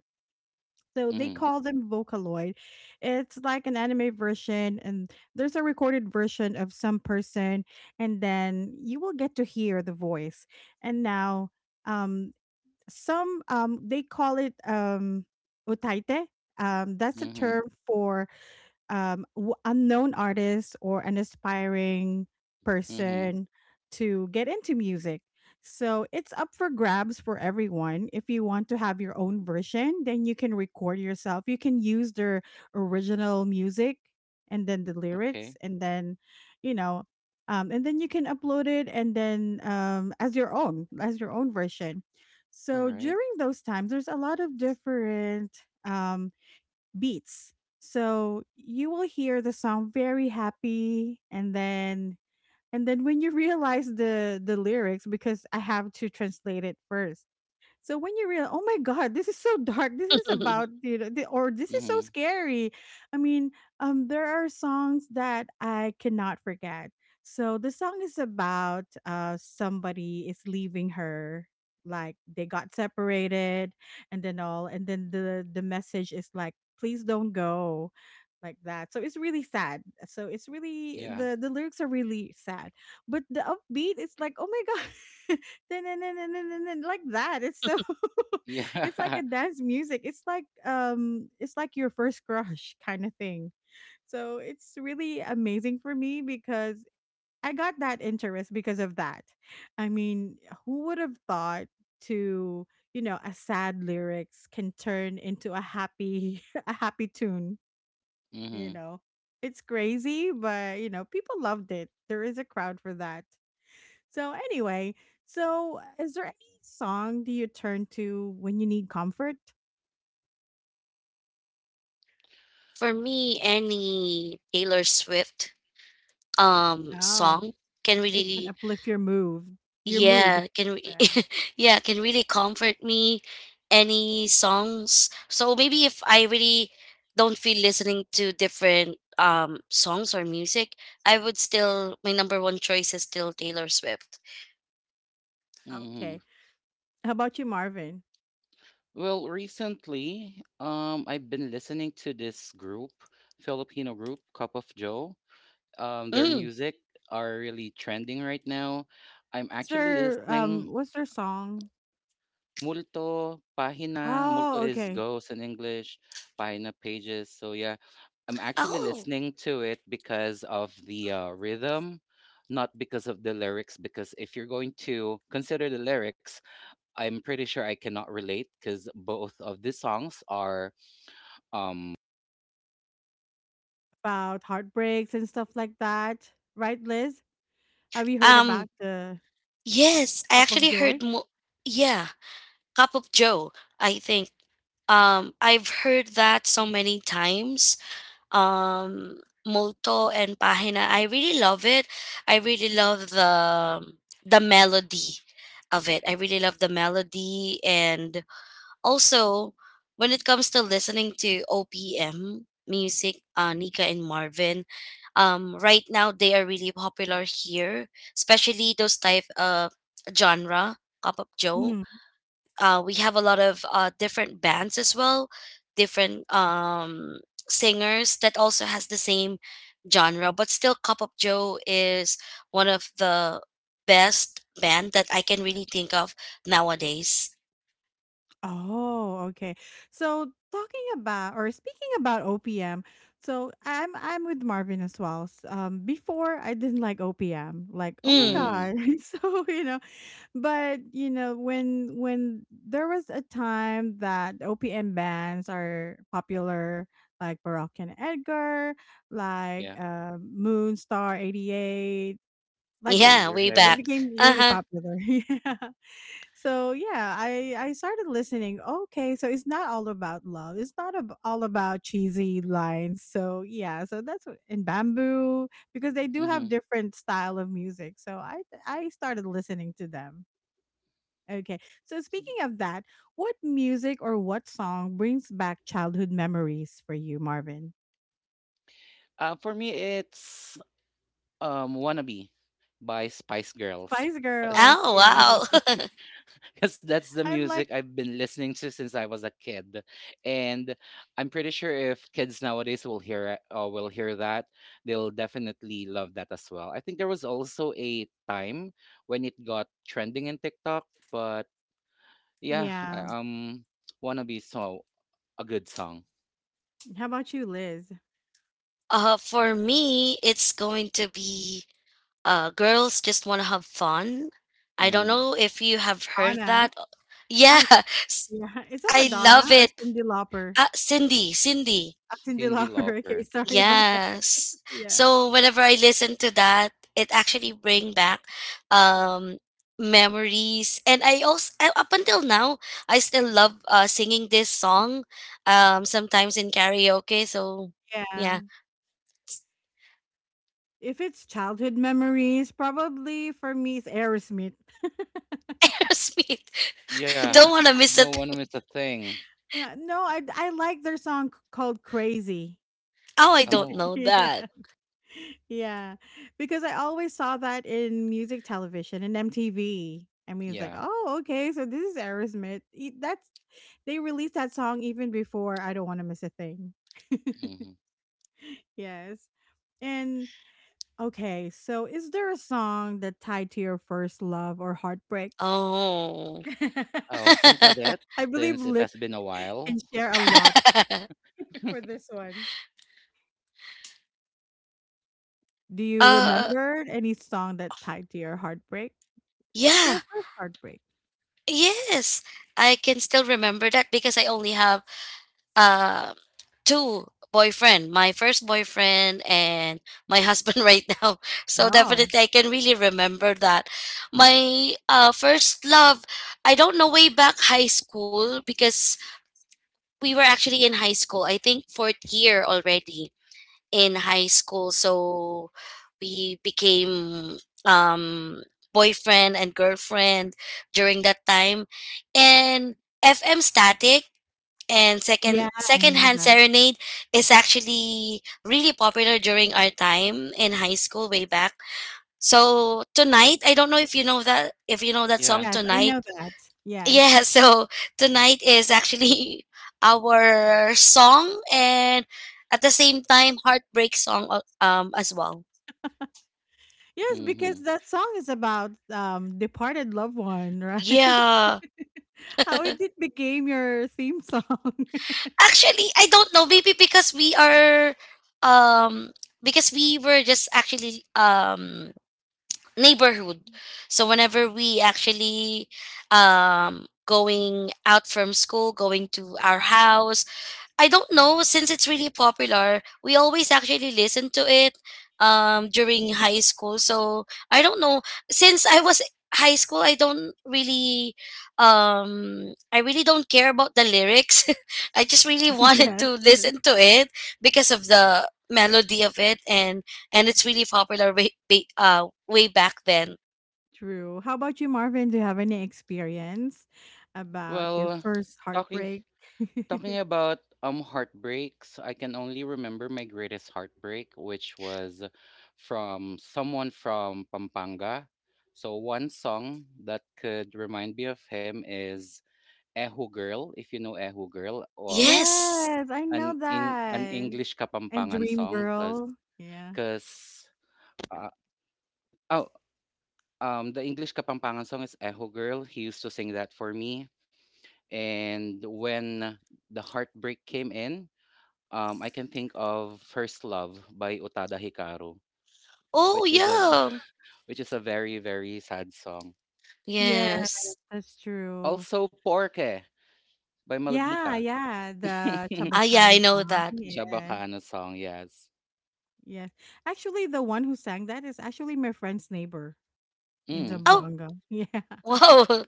Speaker 1: So they
Speaker 2: Mm-hmm.
Speaker 1: call them Vocaloid. It's like an anime version, and there's a recorded version of some person, and then you will get to hear the voice. And now, um, some, um, they call it, um, utaite. Um, that's a
Speaker 2: Mm-hmm.
Speaker 1: term for, unknown artist or an aspiring
Speaker 2: Mm-hmm.
Speaker 1: person to get into music. So it's up for grabs for everyone. If you want to have your own version, then you can record yourself. You can use their original music and then the
Speaker 2: Okay.
Speaker 1: lyrics, and then, you know, and then you can upload it, and then, as your own version.
Speaker 2: All
Speaker 1: So
Speaker 2: right.
Speaker 1: during those times, there's a lot of different, um, beats. So you will hear the song very happy, and then, and then when you realize the lyrics, because I have to translate it first, so when you realize, oh my god, this is so dark. This is about, you know, th- or this is so
Speaker 2: Mm-hmm.
Speaker 1: scary. I mean, there are songs that I cannot forget. So the song is about, uh, somebody is leaving her, like they got separated, and then all, and then the message is like, please don't go, like that. So it's really sad. So it's really
Speaker 2: Yeah.
Speaker 1: the lyrics are really sad, but the upbeat is like, oh my god. Dun-dun-dun-dun-dun-dun, like that. It's so it's like
Speaker 2: Yeah.
Speaker 1: a dance music. It's like, um, it's like your first crush kind of thing. So it's really amazing for me because I got that interest because of that. I mean, who would have thought to, you know, a sad lyrics can turn into a happy a happy tune, you
Speaker 2: Mm-hmm.
Speaker 1: know? It's crazy, but you know, people loved it. There is a crowd for that. So anyway, so is there any song do you turn to when you need comfort?
Speaker 3: For me, any Taylor Swift
Speaker 1: Oh,
Speaker 3: song can
Speaker 1: it can
Speaker 3: really,
Speaker 1: uplift your move, your
Speaker 3: yeah,
Speaker 1: mood. Yeah.
Speaker 3: yeah, can really comfort me. Any songs, so maybe if I really don't feel listening to different songs or music, I would still my number one choice is still Taylor Swift.
Speaker 2: Mm-hmm.
Speaker 1: Okay. How about you, Marvin?
Speaker 2: Well, recently, I've been listening to this group, Filipino group, Cup of Joe. Um, their
Speaker 3: Mm.
Speaker 2: music are really trending right now. I'm
Speaker 1: What's
Speaker 2: actually
Speaker 1: their, um,
Speaker 2: listening
Speaker 1: what's their song?
Speaker 2: Multo, Pahina. Multo
Speaker 1: Oh,
Speaker 2: is
Speaker 1: okay.
Speaker 2: Ghost in English, Pahina Pages. So yeah, I'm actually
Speaker 3: Oh.
Speaker 2: listening to it because of the rhythm, not because of the lyrics. Because if you're going to consider the lyrics, I'm pretty sure I cannot relate because both of the songs are, um,
Speaker 1: About heartbreaks and stuff like that. Right, Liz? Have you heard
Speaker 3: um
Speaker 1: about the
Speaker 3: yes, I
Speaker 1: cup of
Speaker 3: actually
Speaker 1: joy?
Speaker 3: yeah, Cup of Joe, I think. I've heard that so many times. um Molto and Pahina, I really love it. I really love the melody of it. I really love the melody. And also when it comes to listening to OPM music, Nika and Marvin, right now they are really popular here, especially those type of genre, Pop Up Joe. We have a lot of different bands as well, different singers that also has the same genre. But still, Cup of Joe is one of the best band that I can really think of nowadays.
Speaker 1: Oh, okay. So talking about or speaking about OPM, so I'm with Marvin as well. Before I didn't like OPM, like oh my
Speaker 3: Mm.
Speaker 2: mhm,
Speaker 1: god. so you know, but you know when there was a time that OPM bands are popular, like Baroque and Edgar, like
Speaker 2: yeah,
Speaker 1: Moonstar 88, like that.
Speaker 3: Yeah, way
Speaker 1: So it
Speaker 3: back.
Speaker 2: Razorheads.
Speaker 1: became really
Speaker 3: Uh-huh.
Speaker 1: popular. yeah. So yeah, I started listening. Okay, so it's not all about love. It's not all about cheesy lines. So yeah, so that's what, in bamboo because they do have
Speaker 2: Mm-hmm.
Speaker 1: different style of music. So I started listening to them. Okay, so speaking of that, what music or what song brings back childhood memories for you, Marvin?
Speaker 2: For me, it's "Wannabe" by Spice Girls,
Speaker 1: Spice
Speaker 2: because
Speaker 1: Girls,
Speaker 3: Oh,
Speaker 1: yes,
Speaker 3: wow.
Speaker 2: that's the
Speaker 1: I like
Speaker 2: music I've
Speaker 1: Spice
Speaker 2: been listening
Speaker 1: Girls.
Speaker 2: to since
Speaker 1: Yeah,
Speaker 2: I was a kid, and I'm pretty sure if kids nowadays will hear it, will hear that, they'll definitely love that as well. I think there was also a time when it got trending in TikTok, but yeah,
Speaker 1: yeah.
Speaker 2: "Wannabe" so a good song.
Speaker 1: How about you, Liz?
Speaker 3: For me it's going to be Girls Just Want to Have Fun. I don't
Speaker 2: Mhm.
Speaker 3: know if you have heard
Speaker 1: Anna.
Speaker 3: that. Yeah,
Speaker 1: I Yeah, is that
Speaker 3: I
Speaker 1: Madonna
Speaker 3: love
Speaker 1: or
Speaker 3: it.
Speaker 1: Cindy Lauper?
Speaker 3: Ah, Cindy, Cindy.
Speaker 1: Ah, Cindy
Speaker 2: Cyndi
Speaker 1: Lauper, okay,
Speaker 2: Lauper.
Speaker 1: sorry about that.
Speaker 3: Yes.
Speaker 1: Yeah.
Speaker 3: So whenever I listen to that, it actually bring back um memories, and I also up until now I still love singing this song sometimes in karaoke. So
Speaker 1: Yeah.
Speaker 3: yeah.
Speaker 1: If it's childhood memories, probably for me it's Aerosmith.
Speaker 3: Aerosmith.
Speaker 2: Yeah,
Speaker 1: Yeah.
Speaker 3: Don't want to miss
Speaker 2: don't
Speaker 3: it.
Speaker 2: wanna miss a thing.
Speaker 1: Yeah, no, I like their song called Crazy.
Speaker 3: Oh, I don't
Speaker 2: Oh,
Speaker 3: know
Speaker 1: Yeah.
Speaker 3: that.
Speaker 1: Yeah, because I always saw that in music television and MTV. I mean, it's like,
Speaker 2: yeah.
Speaker 1: "Oh, okay, so this is Aerosmith." That's they released that song even before I Don't Want to Miss a Thing.
Speaker 2: Mhm.
Speaker 1: Yes. And okay, so is there a song that tied to your first love or heartbreak?
Speaker 3: Oh.
Speaker 2: I'll think of it
Speaker 1: I believe
Speaker 2: since it
Speaker 1: Liz
Speaker 2: has been a
Speaker 1: can
Speaker 2: while.
Speaker 1: share a lot for this one. Do you
Speaker 3: uh
Speaker 1: remember any song that tied to your heartbreak? Like
Speaker 3: yeah.
Speaker 1: your first heartbreak?
Speaker 3: Yes, I can still remember that because I only have uh, two boyfriend, my first boyfriend and my husband right now. So
Speaker 1: Oh,
Speaker 3: definitely I can really remember that. My First love, I don't know, way back high school because we were actually in high school. I think fourth year already in high school. So we became um boyfriend and girlfriend during that time. And FM Static and
Speaker 1: yeah,
Speaker 3: second
Speaker 1: I know
Speaker 3: secondhand
Speaker 1: that.
Speaker 3: serenade is actually really popular during our time in high school way back. So tonight, I don't know if you know that, if you know that
Speaker 2: Yeah.
Speaker 3: song
Speaker 1: Yes, I
Speaker 3: Tonight.
Speaker 1: know that. Yes.
Speaker 3: Yeah. So tonight is actually our song, and at the same time heartbreak song as well.
Speaker 1: Yes, because
Speaker 2: Mm-hmm.
Speaker 1: that song is about departed loved one, right?
Speaker 3: Yeah.
Speaker 1: How it did became your theme song.
Speaker 3: Actually, I don't know, maybe because we are um because we were just actually neighborhood. So whenever we actually going out from school, going to our house, I don't know, since it's really popular. We always actually listen to it during high school. So I don't know, since I was high school I don't really I really don't care about the lyrics. I just really
Speaker 2: Yeah.
Speaker 3: wanted
Speaker 1: Yes,
Speaker 3: to
Speaker 1: yes.
Speaker 3: listen to it because of the melody of it, and it's really popular way, way back then.
Speaker 1: True. How about you, Marvin? Do you have any experience about your
Speaker 2: Well,
Speaker 1: first
Speaker 2: talking
Speaker 1: heartbreak?
Speaker 2: talking about heartbreaks, I can only remember my greatest heartbreak, which was from someone from Pampanga. So one song that could remind me of him is Ehu Girl, if you know Ehu Girl, um
Speaker 3: Yes.
Speaker 1: Yes, I know
Speaker 2: an Eng- an
Speaker 1: that.
Speaker 2: English
Speaker 1: And
Speaker 2: Kapampangan
Speaker 1: Dream
Speaker 2: song cuz
Speaker 1: Girl. Yeah.
Speaker 2: cuz uh, oh Um, the English Kapampangan song is "Echo Girl." He used to sing that for me. And when the heartbreak came in, I can think of First Love by Utada Hikaru,
Speaker 3: Oh
Speaker 2: which is a
Speaker 3: yeah.
Speaker 2: which is a very very sad song.
Speaker 1: Yes,
Speaker 3: Yes.
Speaker 1: that's true.
Speaker 2: Also Porke by
Speaker 1: Yeah,
Speaker 2: Maldita.
Speaker 1: yeah, the
Speaker 3: Ah yeah, I
Speaker 1: Chabacana
Speaker 3: know
Speaker 1: song,
Speaker 3: that.
Speaker 1: yes,
Speaker 2: Chabacano song, yes.
Speaker 1: yes. Actually, the one who sang that is actually my friend's neighbor in
Speaker 2: Mm.
Speaker 3: Oh,
Speaker 1: Zamboanga. Yeah,
Speaker 3: wow.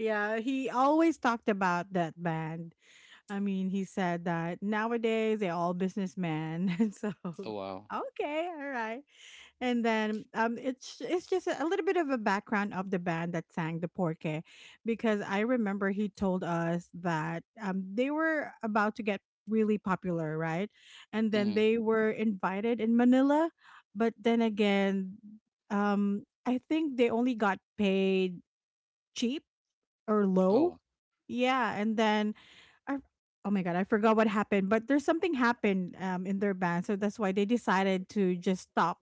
Speaker 1: yeah, he always talked about that band. I mean, he said that nowadays they're all businessmen. And so,
Speaker 2: Oh wow.
Speaker 1: okay, all right. And then it's just a little bit of a background of the band that sang the Porque, because I remember he told us that they were about to get really popular, right? And then
Speaker 2: Mm.
Speaker 1: they were invited in Manila, but then again, I think they only got paid cheap or
Speaker 2: Oh.
Speaker 1: low. Yeah, and then I oh my god, I forgot what happened, but there's something happened in their band, so that's why they decided to just stop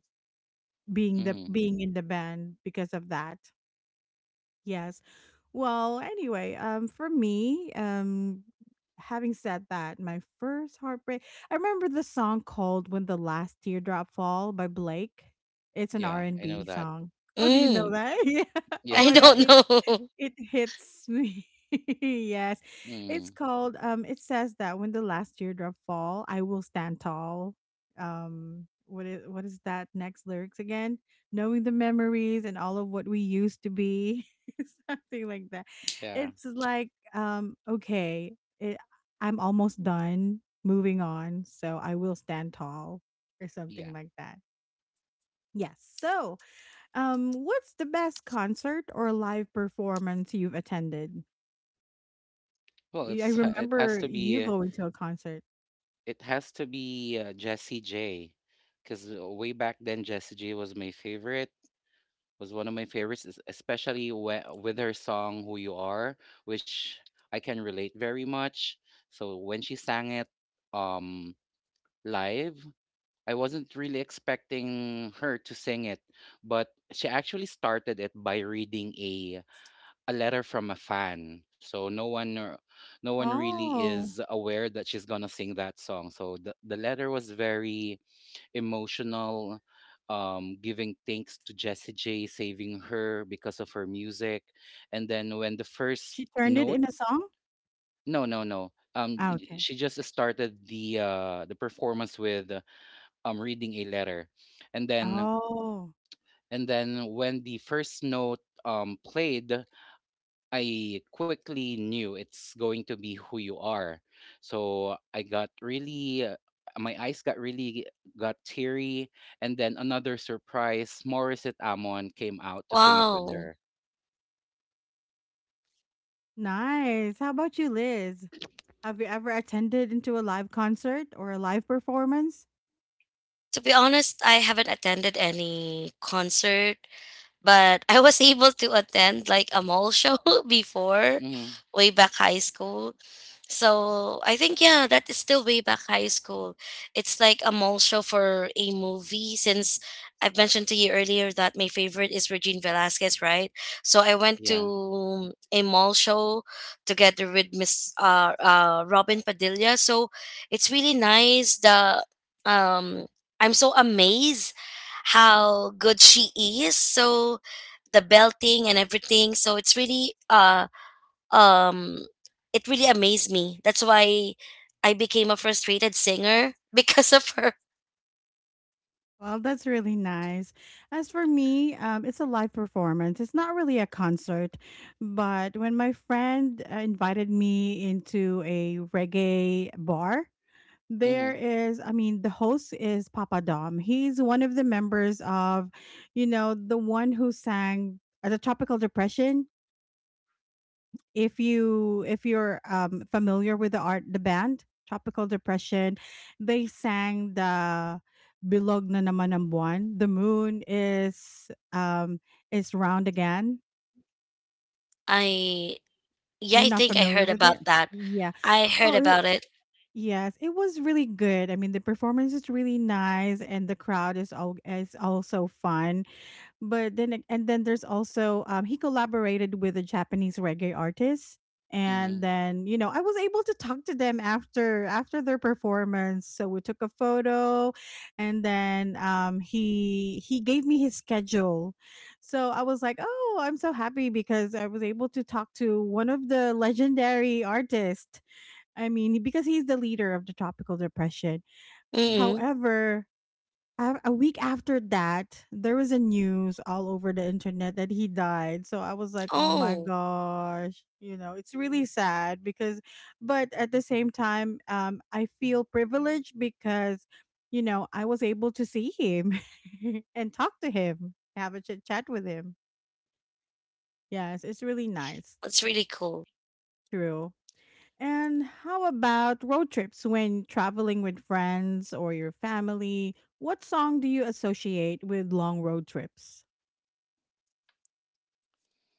Speaker 1: being the
Speaker 2: Mm.
Speaker 1: being in the band because of that. Yes. Well, anyway, for me, having said that, my first heartbreak I remember the song called When the Last Teardrop Fall by Blake. It's an R
Speaker 2: Yeah,
Speaker 1: and
Speaker 2: I know
Speaker 1: B
Speaker 2: that.
Speaker 1: song. Oh, do you know
Speaker 3: Mm,
Speaker 1: that? yeah. Oh
Speaker 2: Yeah.
Speaker 3: I
Speaker 1: my god.
Speaker 3: don't
Speaker 1: It.
Speaker 3: know.
Speaker 1: It hits me. yes. It's
Speaker 2: Mm.
Speaker 1: called it says that when the last teardrop fall, I will stand tall. What is that next lyrics again? Knowing the memories and all of what we used to be. Something like that.
Speaker 2: Yeah.
Speaker 1: It's like okay, it, I'm almost done moving on, so I will stand tall or something
Speaker 2: Yeah.
Speaker 1: like that. Yes. So, what's the best concert or live performance you've attended?
Speaker 2: Well,
Speaker 1: Y I
Speaker 2: it has
Speaker 1: remember
Speaker 2: to
Speaker 1: you
Speaker 2: be.
Speaker 1: going to a concert.
Speaker 2: It has to be Jessie J, because way back then Jessie J was my favorite, was one of my favorites, especially with her song "Who You Are," which I can relate very much. So when she sang it um, live, I wasn't really expecting her to sing it, but she actually started it by reading a letter from a fan. So no one really
Speaker 1: Oh,
Speaker 2: is aware that she's gonna sing that song. So the letter was very emotional, giving thanks to Jessie J saving her because of her music. And then when the first
Speaker 1: she turned it
Speaker 2: note
Speaker 1: into song?
Speaker 2: no no no um j-
Speaker 1: Ah,
Speaker 2: j-
Speaker 1: okay.
Speaker 2: she just started the performance with reading a letter, and then
Speaker 1: Oh,
Speaker 2: when the first note played, I quickly knew it's going to be Who You Are. So I got really, my eyes got really got teary. And then another surprise, Morissette Amon came out to sing it with
Speaker 3: Wow.
Speaker 2: her.
Speaker 1: nice. How about you, Liz? Have you ever attended into a live concert or a live performance?
Speaker 3: To be honest, I haven't attended any concert, but I was able to attend like a mall show before,
Speaker 2: Mm,
Speaker 3: way back high school. So I think yeah, that is still way back high school. It's like a mall show for a movie, since I've mentioned to you earlier that my favorite is Regine Velasquez, right? So I went
Speaker 2: yeah.
Speaker 3: to a mall show together with Miss Robin Padilla. So it's really nice. The um I'm so amazed how good she is. So the belting and everything. So it's really um it really amazed me. That's why I became a frustrated singer because of her.
Speaker 1: Well, that's really nice. As for me, it's a live performance. It's not really a concert, but when my friend invited me into a reggae bar, there
Speaker 2: Mm,
Speaker 1: is, I mean, the host is Papa Dom. He's one of the members of, you know, the one who sang the Tropical Depression. If you if you're familiar with the art, the band Tropical Depression, they sang the Bilog na naman ang buwan. The moon is round again.
Speaker 3: I Yeah,
Speaker 1: You're
Speaker 3: I
Speaker 1: not
Speaker 3: think I
Speaker 1: familiar
Speaker 3: heard
Speaker 1: with
Speaker 3: about
Speaker 1: it?
Speaker 3: that.
Speaker 1: Yeah.
Speaker 3: I heard
Speaker 1: Oh,
Speaker 3: about it.
Speaker 1: yes, it was really good. I mean, the performance is really nice, and the crowd is all is also fun. But then, and then there's also he collaborated with a Japanese reggae artist, and
Speaker 2: mm,
Speaker 1: then you know I was able to talk to them after their performance. So we took a photo, and then he gave me his schedule. So I was like, oh, I'm so happy because I was able to talk to one of the legendary artists I mean, because he's the leader of the tropical depression.
Speaker 2: mm.
Speaker 3: Mm-mm.
Speaker 1: However, a week after that, there was a news all over the internet that he died. So I was like, oh my
Speaker 3: Oh,
Speaker 1: gosh, you know, it's really sad because, but at the same time, I feel privileged because, you know, I was able to see him and talk to him, have a chit chat with him. Yes, it's really nice.
Speaker 3: that's really cool.
Speaker 1: True. And how about road trips when traveling with friends or your family? What song do you associate with long road trips?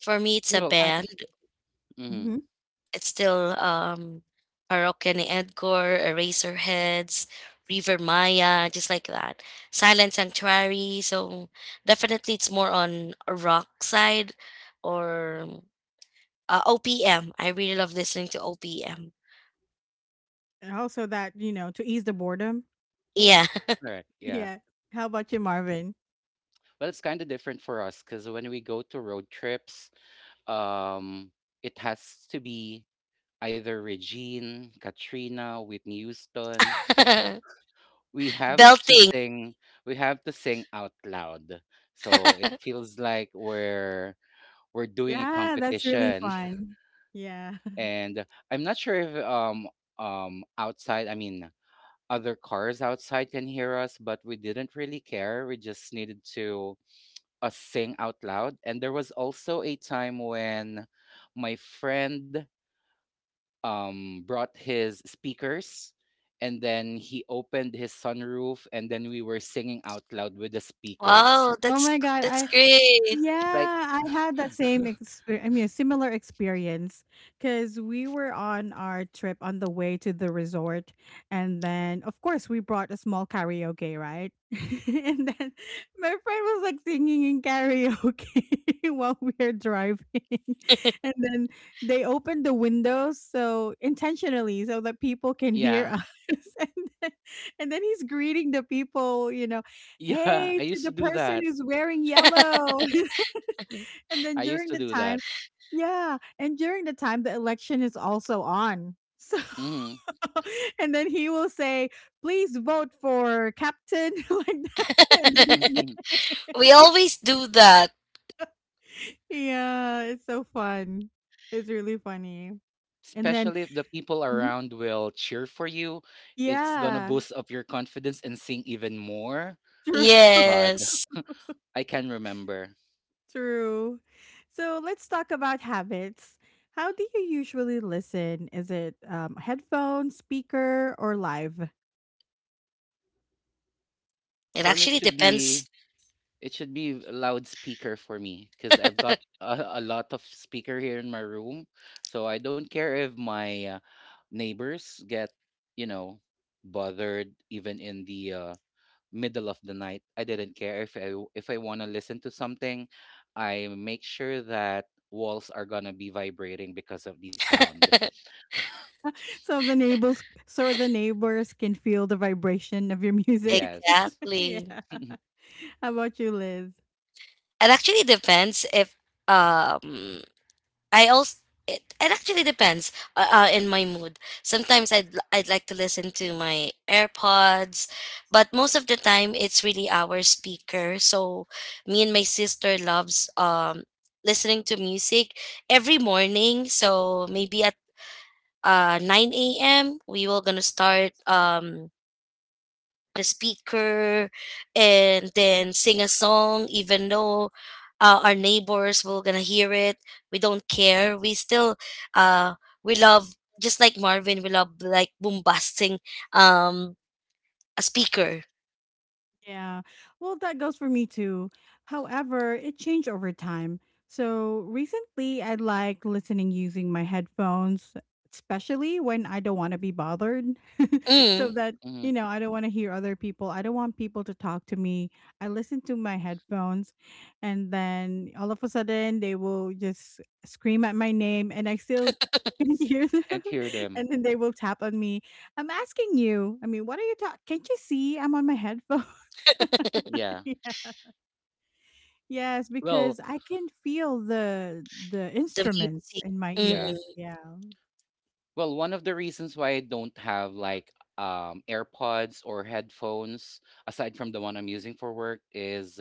Speaker 3: For me, it's a
Speaker 1: What
Speaker 2: Well,
Speaker 1: type?
Speaker 3: band.
Speaker 2: mm,
Speaker 1: Hmm.
Speaker 3: It's still Araucani Edgar, Eraserheads, River Maya, just like that. Silent Sanctuary. So definitely, it's more on a rock side, or uh, OPM. I really love listening to OPM.
Speaker 1: And also that, you know, to ease the boredom.
Speaker 3: Yeah.
Speaker 2: correct. Yeah.
Speaker 1: Yeah. How about you, Marvin?
Speaker 2: Well, it's kind of different for us because when we go to road trips, um, it has to be either Regine, Katrina, Whitney Houston. We have to
Speaker 3: Belting.
Speaker 2: sing we have to sing out loud so it feels like we're doing a
Speaker 1: Yeah, that's really
Speaker 2: competition.
Speaker 1: fun. Yeah.
Speaker 2: And I'm not sure if outside, I mean, other cars outside can hear us, but we didn't really care. We just needed to sing out loud. And there was also a time when my friend brought his speakers, and then he opened his sunroof and then we were singing out loud with the speakers.
Speaker 3: Wow,
Speaker 1: Oh
Speaker 3: that's
Speaker 1: my God.
Speaker 3: that's
Speaker 1: I
Speaker 3: great.
Speaker 1: Yeah,
Speaker 2: Like
Speaker 1: I had that same experience. I mean, a similar experience because we were on our trip on the way to the resort. And then, of course, we brought a small karaoke, right? and then my friend was like singing in karaoke while we were driving. And then they opened the windows so intentionally so that people can hear
Speaker 2: yeah.
Speaker 1: us. and, then, and then he's greeting the people, you know,
Speaker 2: Yeah,
Speaker 1: hey,
Speaker 2: I
Speaker 1: to
Speaker 2: used
Speaker 1: the
Speaker 2: to do
Speaker 1: person
Speaker 2: that.
Speaker 1: who's wearing yellow. And then
Speaker 2: I used
Speaker 1: during
Speaker 2: to
Speaker 1: the
Speaker 2: do that.
Speaker 1: time yeah, and during the time the election is also on. So
Speaker 2: Mhm.
Speaker 1: and then he will say, "Please vote for captain," like that. And then his name
Speaker 3: We always do that.
Speaker 1: yeah, it's so fun. It's really funny. And then
Speaker 2: Especially if the people
Speaker 1: mhm.
Speaker 2: around will cheer for you, it's gonna
Speaker 1: Yeah,
Speaker 2: boost up your confidence and sing even more.
Speaker 1: true,
Speaker 2: God.
Speaker 3: Yes.
Speaker 2: I can remember.
Speaker 1: true. So let's talk about habits. How do you usually listen? Is it headphone, speaker, or live?
Speaker 3: It
Speaker 2: For me, it
Speaker 3: actually
Speaker 2: should
Speaker 3: depends.
Speaker 2: be, it should be a loudspeaker for me because I've got a lot of speaker here in my room, so I don't care if my neighbors get, you know, bothered even in the middle of the night. I didn't care. If I if I want to listen to something, I make sure that walls are gonna be vibrating because of the sound.
Speaker 1: So the neighbors can feel the vibration of your music.
Speaker 2: Yes.
Speaker 1: yeah.
Speaker 3: Exactly.
Speaker 1: How about you, Liz?
Speaker 3: It actually depends if um I also— it actually depends in my mood. Sometimes I'd like to listen to my AirPods, but most of the time it's really our speaker. So me and my sister loves listening to music every morning. So maybe at 9 a.m. we will gonna start the speaker and then sing a song, even though our neighbors will gonna hear it. We don't care, we still uh, we love, just like Marvin, we love like bombasting um a speaker.
Speaker 1: Yeah. Well, that goes for me too. However, it changed over time. So recently, I like listening using my headphones, especially when I don't want to be bothered. so
Speaker 3: Mm,
Speaker 1: that, you
Speaker 2: Mhm.
Speaker 1: know, I don't want to hear other people. I don't want people to talk to me. I listen to my headphones, and then all of a sudden, they will just scream at my name, and I still can hear them.
Speaker 2: Can't hear them.
Speaker 1: and then they will tap on me. I'm asking you, I mean, what are you talking? Can't you see I'm on my headphones?
Speaker 2: Yeah.
Speaker 1: Yeah. Yes, because
Speaker 2: Well,
Speaker 1: I can feel the
Speaker 3: the
Speaker 1: instruments
Speaker 3: music.
Speaker 1: in my ears.
Speaker 2: yeah.
Speaker 3: Mm,
Speaker 1: Yeah.
Speaker 2: Well, one of the reasons why I don't have like AirPods or headphones, aside from the one I'm using for work, is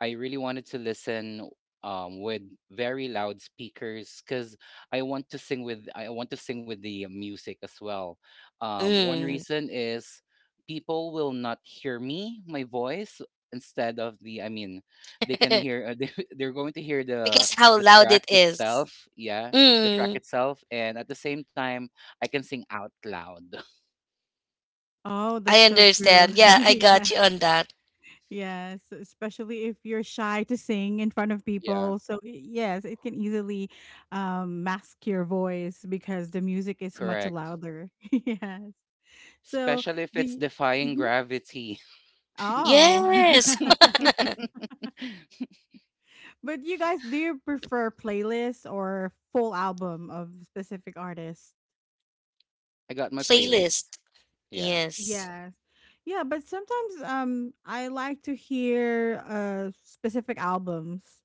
Speaker 2: I really wanted to listen with very loud speakers, because I want to sing with the music as well. One
Speaker 3: mm. Mm.
Speaker 2: reason is people will not hear me, my voice. Instead of the, I mean, they can hear. They, they're going to hear
Speaker 3: Because how
Speaker 2: the
Speaker 3: loud it
Speaker 2: track
Speaker 3: is.
Speaker 2: itself. Yeah, the track
Speaker 3: Mm,
Speaker 2: itself, and at the same time I can sing out loud.
Speaker 1: Oh,
Speaker 3: I
Speaker 1: that's so true.
Speaker 3: understand. Yeah, I
Speaker 1: Yeah.
Speaker 3: got you on that.
Speaker 1: Yes, especially if you're shy to sing in front of
Speaker 2: Yeah,
Speaker 1: people. So yes, it can easily mask your voice because the music is much
Speaker 2: correct.
Speaker 1: louder. Yes. So
Speaker 2: Especially if
Speaker 1: do
Speaker 2: it's
Speaker 1: you,
Speaker 2: Defying
Speaker 1: mhm.
Speaker 2: Gravity.
Speaker 1: Oh.
Speaker 3: Yes.
Speaker 1: But you guys, do you prefer playlists or full album of specific artists?
Speaker 2: I got my playlist.
Speaker 3: Playlist.
Speaker 2: Yeah,
Speaker 3: Yes.
Speaker 1: Yes. Yeah, but sometimes I like to hear specific albums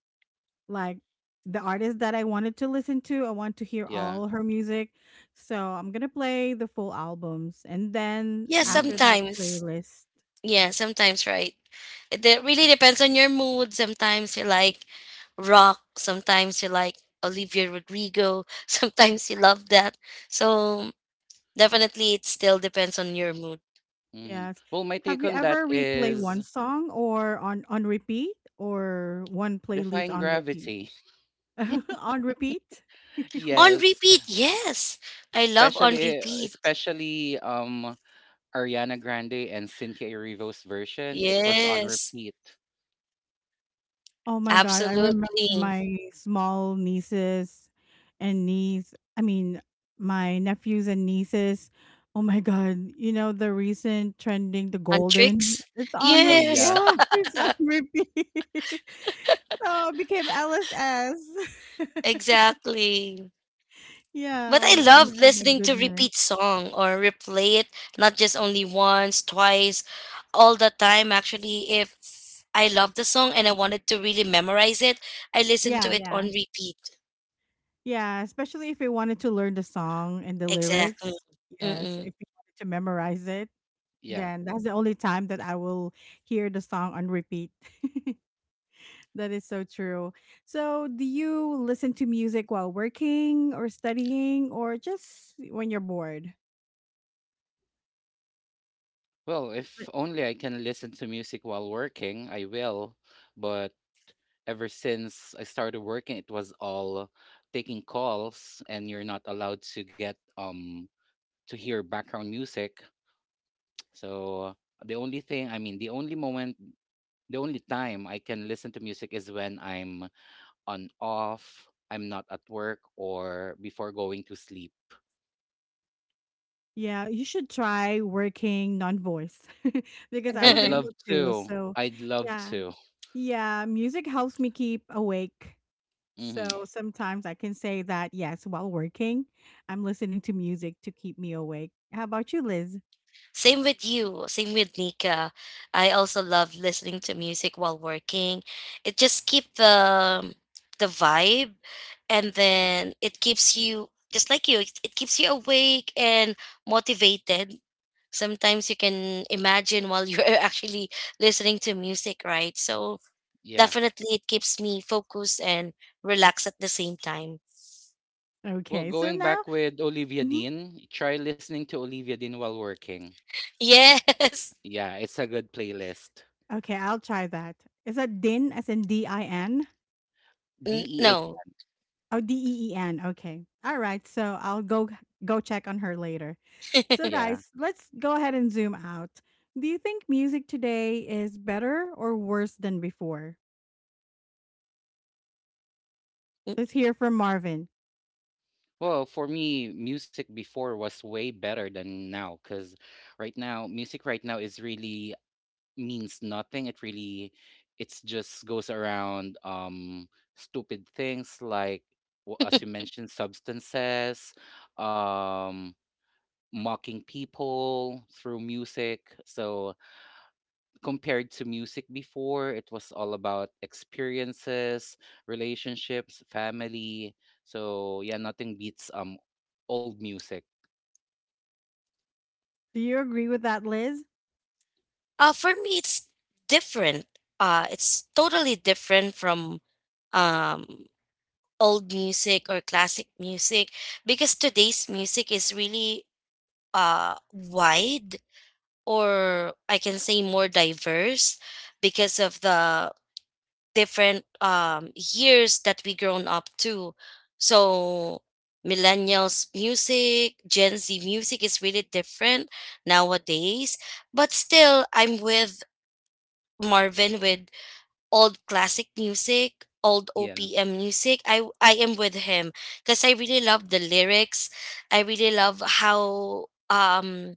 Speaker 1: like the artist that I wanted to listen to, I want to hear
Speaker 2: yeah.
Speaker 1: all her music. So I'm going to play the full albums and then
Speaker 3: Yeah,
Speaker 2: Mm-hmm,
Speaker 1: after that
Speaker 3: sometimes.
Speaker 1: playlist.
Speaker 3: Yeah, sometimes, right? Really depends on your mood. Sometimes you like rock, sometimes you like Olivia Rodrigo, sometimes you love that. So definitely it still depends on your mood.
Speaker 2: mm-hmm.
Speaker 1: Yes.
Speaker 2: Well, my
Speaker 1: Have
Speaker 2: take
Speaker 1: you
Speaker 2: on that
Speaker 1: ever replay one
Speaker 2: is
Speaker 1: song or on repeat or one playlist
Speaker 2: Defying
Speaker 1: on repeat?
Speaker 2: Gravity.
Speaker 1: on repeat?
Speaker 3: On
Speaker 2: Yes,
Speaker 3: repeat, yes. I love on
Speaker 2: especially
Speaker 3: repeat.
Speaker 2: especially um Ariana Grande and Cynthia Erivo's version. It was on
Speaker 3: Yes.
Speaker 2: repeat.
Speaker 1: Oh my god, I remember
Speaker 3: Absolutely.
Speaker 1: my small nieces and niece I mean, my nephews and nieces. Oh my god, you know the recent trending the
Speaker 3: On
Speaker 1: golden?
Speaker 3: tricks?
Speaker 1: It's on
Speaker 2: Oh
Speaker 1: repeat.
Speaker 3: Yes.
Speaker 2: yeah,
Speaker 1: Yeah, it's on repeat. so it became LSS.
Speaker 3: Exactly.
Speaker 1: yeah,
Speaker 3: But
Speaker 1: oh
Speaker 3: I
Speaker 1: my,
Speaker 3: love
Speaker 1: oh my
Speaker 3: listening to
Speaker 1: goodness.
Speaker 3: repeat song or replay it, not just only once, twice, all the time actually. If I love the song and I wanted to really memorize it, I listen
Speaker 1: Yeah,
Speaker 3: to it
Speaker 1: yeah.
Speaker 3: on repeat.
Speaker 1: Yeah, especially if you wanted to learn the song and the
Speaker 3: Exactly.
Speaker 1: lyrics. Yes,
Speaker 3: Mm-mm.
Speaker 1: if you wanted to memorize it.
Speaker 2: yeah.
Speaker 1: Then that's the only time that I will hear the song on repeat. That is so true. So, do you listen to music while working or studying or just when you're bored?
Speaker 2: Well,
Speaker 1: But-
Speaker 2: if only I can listen to music while working, I will. But ever since I started working, it was all taking calls, and you're not allowed to get to hear background music. So the only moment, the only time I can listen to music is when I'm on off, I'm not at work, or before going to sleep.
Speaker 1: yeah, you should try working non-voice because I was
Speaker 2: I'd
Speaker 1: able
Speaker 2: love
Speaker 1: to.
Speaker 2: to.
Speaker 1: So,
Speaker 2: I'd love
Speaker 1: yeah.
Speaker 2: to.
Speaker 1: Yeah, music helps me keep awake.
Speaker 2: Mm-hmm.
Speaker 1: So, sometimes I can say that yes, while working, I'm listening to music to keep me awake. How about you, Liz?
Speaker 3: Same with you, same with Nika. I also love listening to music while working. It just keeps the vibe, and then it keeps you— just like you, it keeps you awake and motivated. Sometimes you can imagine while you're actually listening to music, right? So
Speaker 2: Yeah.
Speaker 3: definitely it keeps me focused and relaxed at the same time.
Speaker 2: Well,
Speaker 1: Okay. So
Speaker 2: going
Speaker 1: now
Speaker 2: back with Olivia
Speaker 1: mhm.
Speaker 2: Dean, try listening to Olivia Dean while working.
Speaker 3: Yes.
Speaker 2: Yeah, it's a good playlist.
Speaker 1: Okay, I'll try that. Is that Din as in DIN?
Speaker 2: D,
Speaker 3: N-
Speaker 2: E.
Speaker 3: no.
Speaker 1: Oh, DEEN. Okay. All right. So I'll go go check on her later. So
Speaker 2: Yeah.
Speaker 1: guys, let's go ahead and zoom out. Do you think music today is better or worse than before? Let's hear from Marvin.
Speaker 2: Well, for me, music before was way better than now, because right now, music right now is really means nothing. It really, it's just goes around stupid things like as you mentioned, substances, um mocking people through music. So compared to music before, it was all about experiences, relationships, family. So yeah, nothing beats old music.
Speaker 1: Do you agree with that, Liz?
Speaker 3: For me, it's different. It's totally different from um, old music or classic music, because today's music is really wide, or I can say more diverse, because of the different years that we grown up to. So millennials music, Gen Z music is really different nowadays. But still, I'm with Marvin with old classic music, old
Speaker 2: Yeah.
Speaker 3: OPM music, I am with him because I really love the lyrics. I really love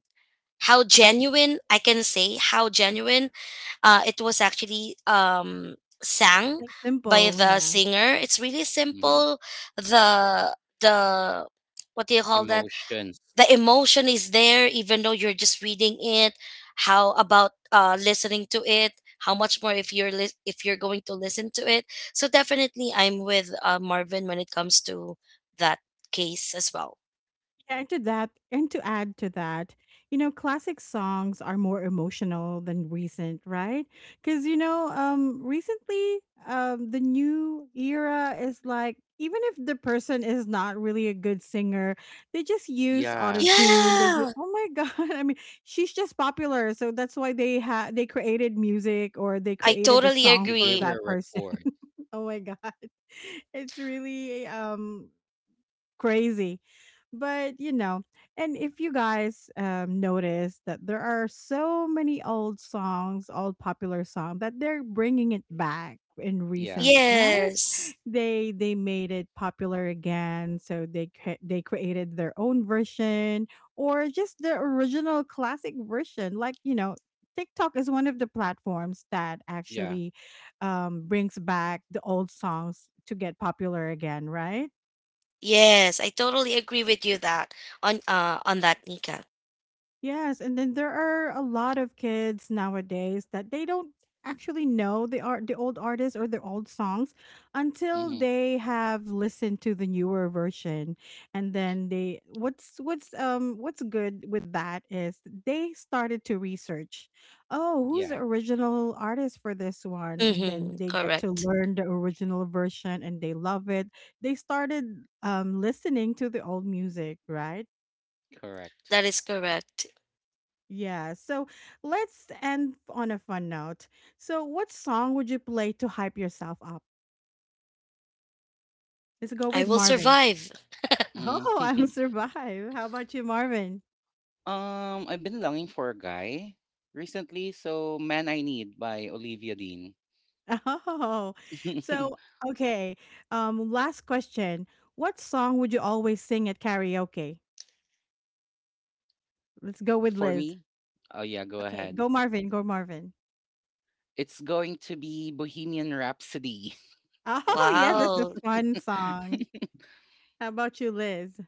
Speaker 3: how genuine— I can say how genuine it was actually sang
Speaker 1: It's
Speaker 3: by
Speaker 1: simple,
Speaker 3: the
Speaker 1: yeah.
Speaker 3: singer. It's really
Speaker 2: Hmm.
Speaker 3: simple. The the What do you call that?
Speaker 2: Emotions.
Speaker 3: The emotion is there, even though you're just reading it. How about listening to it? How much more if you're if you're going to listen to it? So definitely I'm with Marvin when it comes to that case as well.
Speaker 1: Yeah, and to that, and to add to that, you know, classic songs are more emotional than recent, right? Because you know, recently, the new era is like even if the person is not really a good singer, they just use
Speaker 2: Yeah.
Speaker 1: autotune. They
Speaker 3: Yeah,
Speaker 1: oh my god, I mean, she's just popular, so that's why they had they created music or they
Speaker 3: I
Speaker 1: created a
Speaker 3: totally
Speaker 1: song
Speaker 2: They
Speaker 1: for
Speaker 2: gave
Speaker 3: agree.
Speaker 2: her
Speaker 1: that
Speaker 2: a
Speaker 1: person.
Speaker 2: record.
Speaker 1: oh my god, it's really crazy. But you know, and if you guys notice that there are so many old songs, old popular song that they're bringing it back in
Speaker 2: Yeah.
Speaker 1: recent, right?
Speaker 3: Yes.
Speaker 1: They made it popular again, so they they created their own version or just the original classic version. Like you know, TikTok is one of the platforms that
Speaker 2: Yeah.
Speaker 1: actually brings back the old songs to get popular again, right?
Speaker 3: Yes, I totally agree with you that on that, Nika.
Speaker 1: Yes, and then there are a lot of kids nowadays that they don't actually know the art the old artists or the old songs until
Speaker 2: Hmm.
Speaker 1: they have listened to the newer version and then they what's what's good with that is they started to research oh who's the
Speaker 2: Yeah.
Speaker 1: original artist for this one and then
Speaker 3: Mm-hmm,
Speaker 1: they get to
Speaker 3: correct.
Speaker 1: learn the original version and they love it they started listening to the old music right.
Speaker 2: Correct.
Speaker 3: That is correct.
Speaker 1: Yeah, so let's end on a fun note. So, what song would you play to hype yourself up? Let's go
Speaker 3: I
Speaker 1: with
Speaker 3: will
Speaker 1: Marvin.
Speaker 3: survive.
Speaker 2: Mm.
Speaker 1: Oh, I'm survive. How about you, Marvin?
Speaker 2: Um, I've been longing for a guy recently, so Man I Need by Olivia Dean.
Speaker 1: Oh, so okay. Last question. What song would you always sing at karaoke? Let's go with
Speaker 2: For
Speaker 1: Liz.
Speaker 2: me, oh yeah, go
Speaker 1: Okay,
Speaker 2: ahead.
Speaker 1: go Marvin. Go Marvin.
Speaker 2: It's going to be Bohemian Rhapsody.
Speaker 1: Oh, yes, that's a
Speaker 3: Wow.
Speaker 1: fun song. How about you, Liz?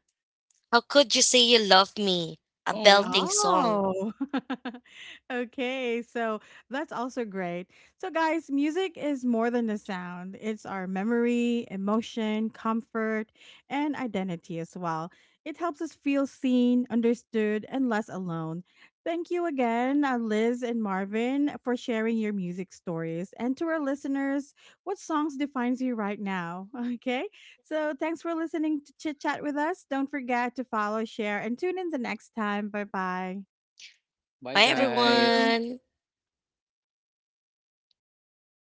Speaker 3: How Could You Say You Love Me? A
Speaker 2: Oh,
Speaker 3: belting song.
Speaker 1: Oh, okay. So that's also great. So, guys, music is more than a sound, it's our memory, emotion, comfort, and identity as well. It helps us feel seen, understood, and less alone. Thank you again, Liz and Marvin, for sharing your music stories. And to our listeners, what songs defines you right now? Okay. So thanks for listening to Chit Chat with us. Don't forget to follow, share, and tune in the next time. Bye bye.
Speaker 2: bye
Speaker 3: Bye,
Speaker 1: Thank
Speaker 2: guys.
Speaker 1: you.
Speaker 3: everyone.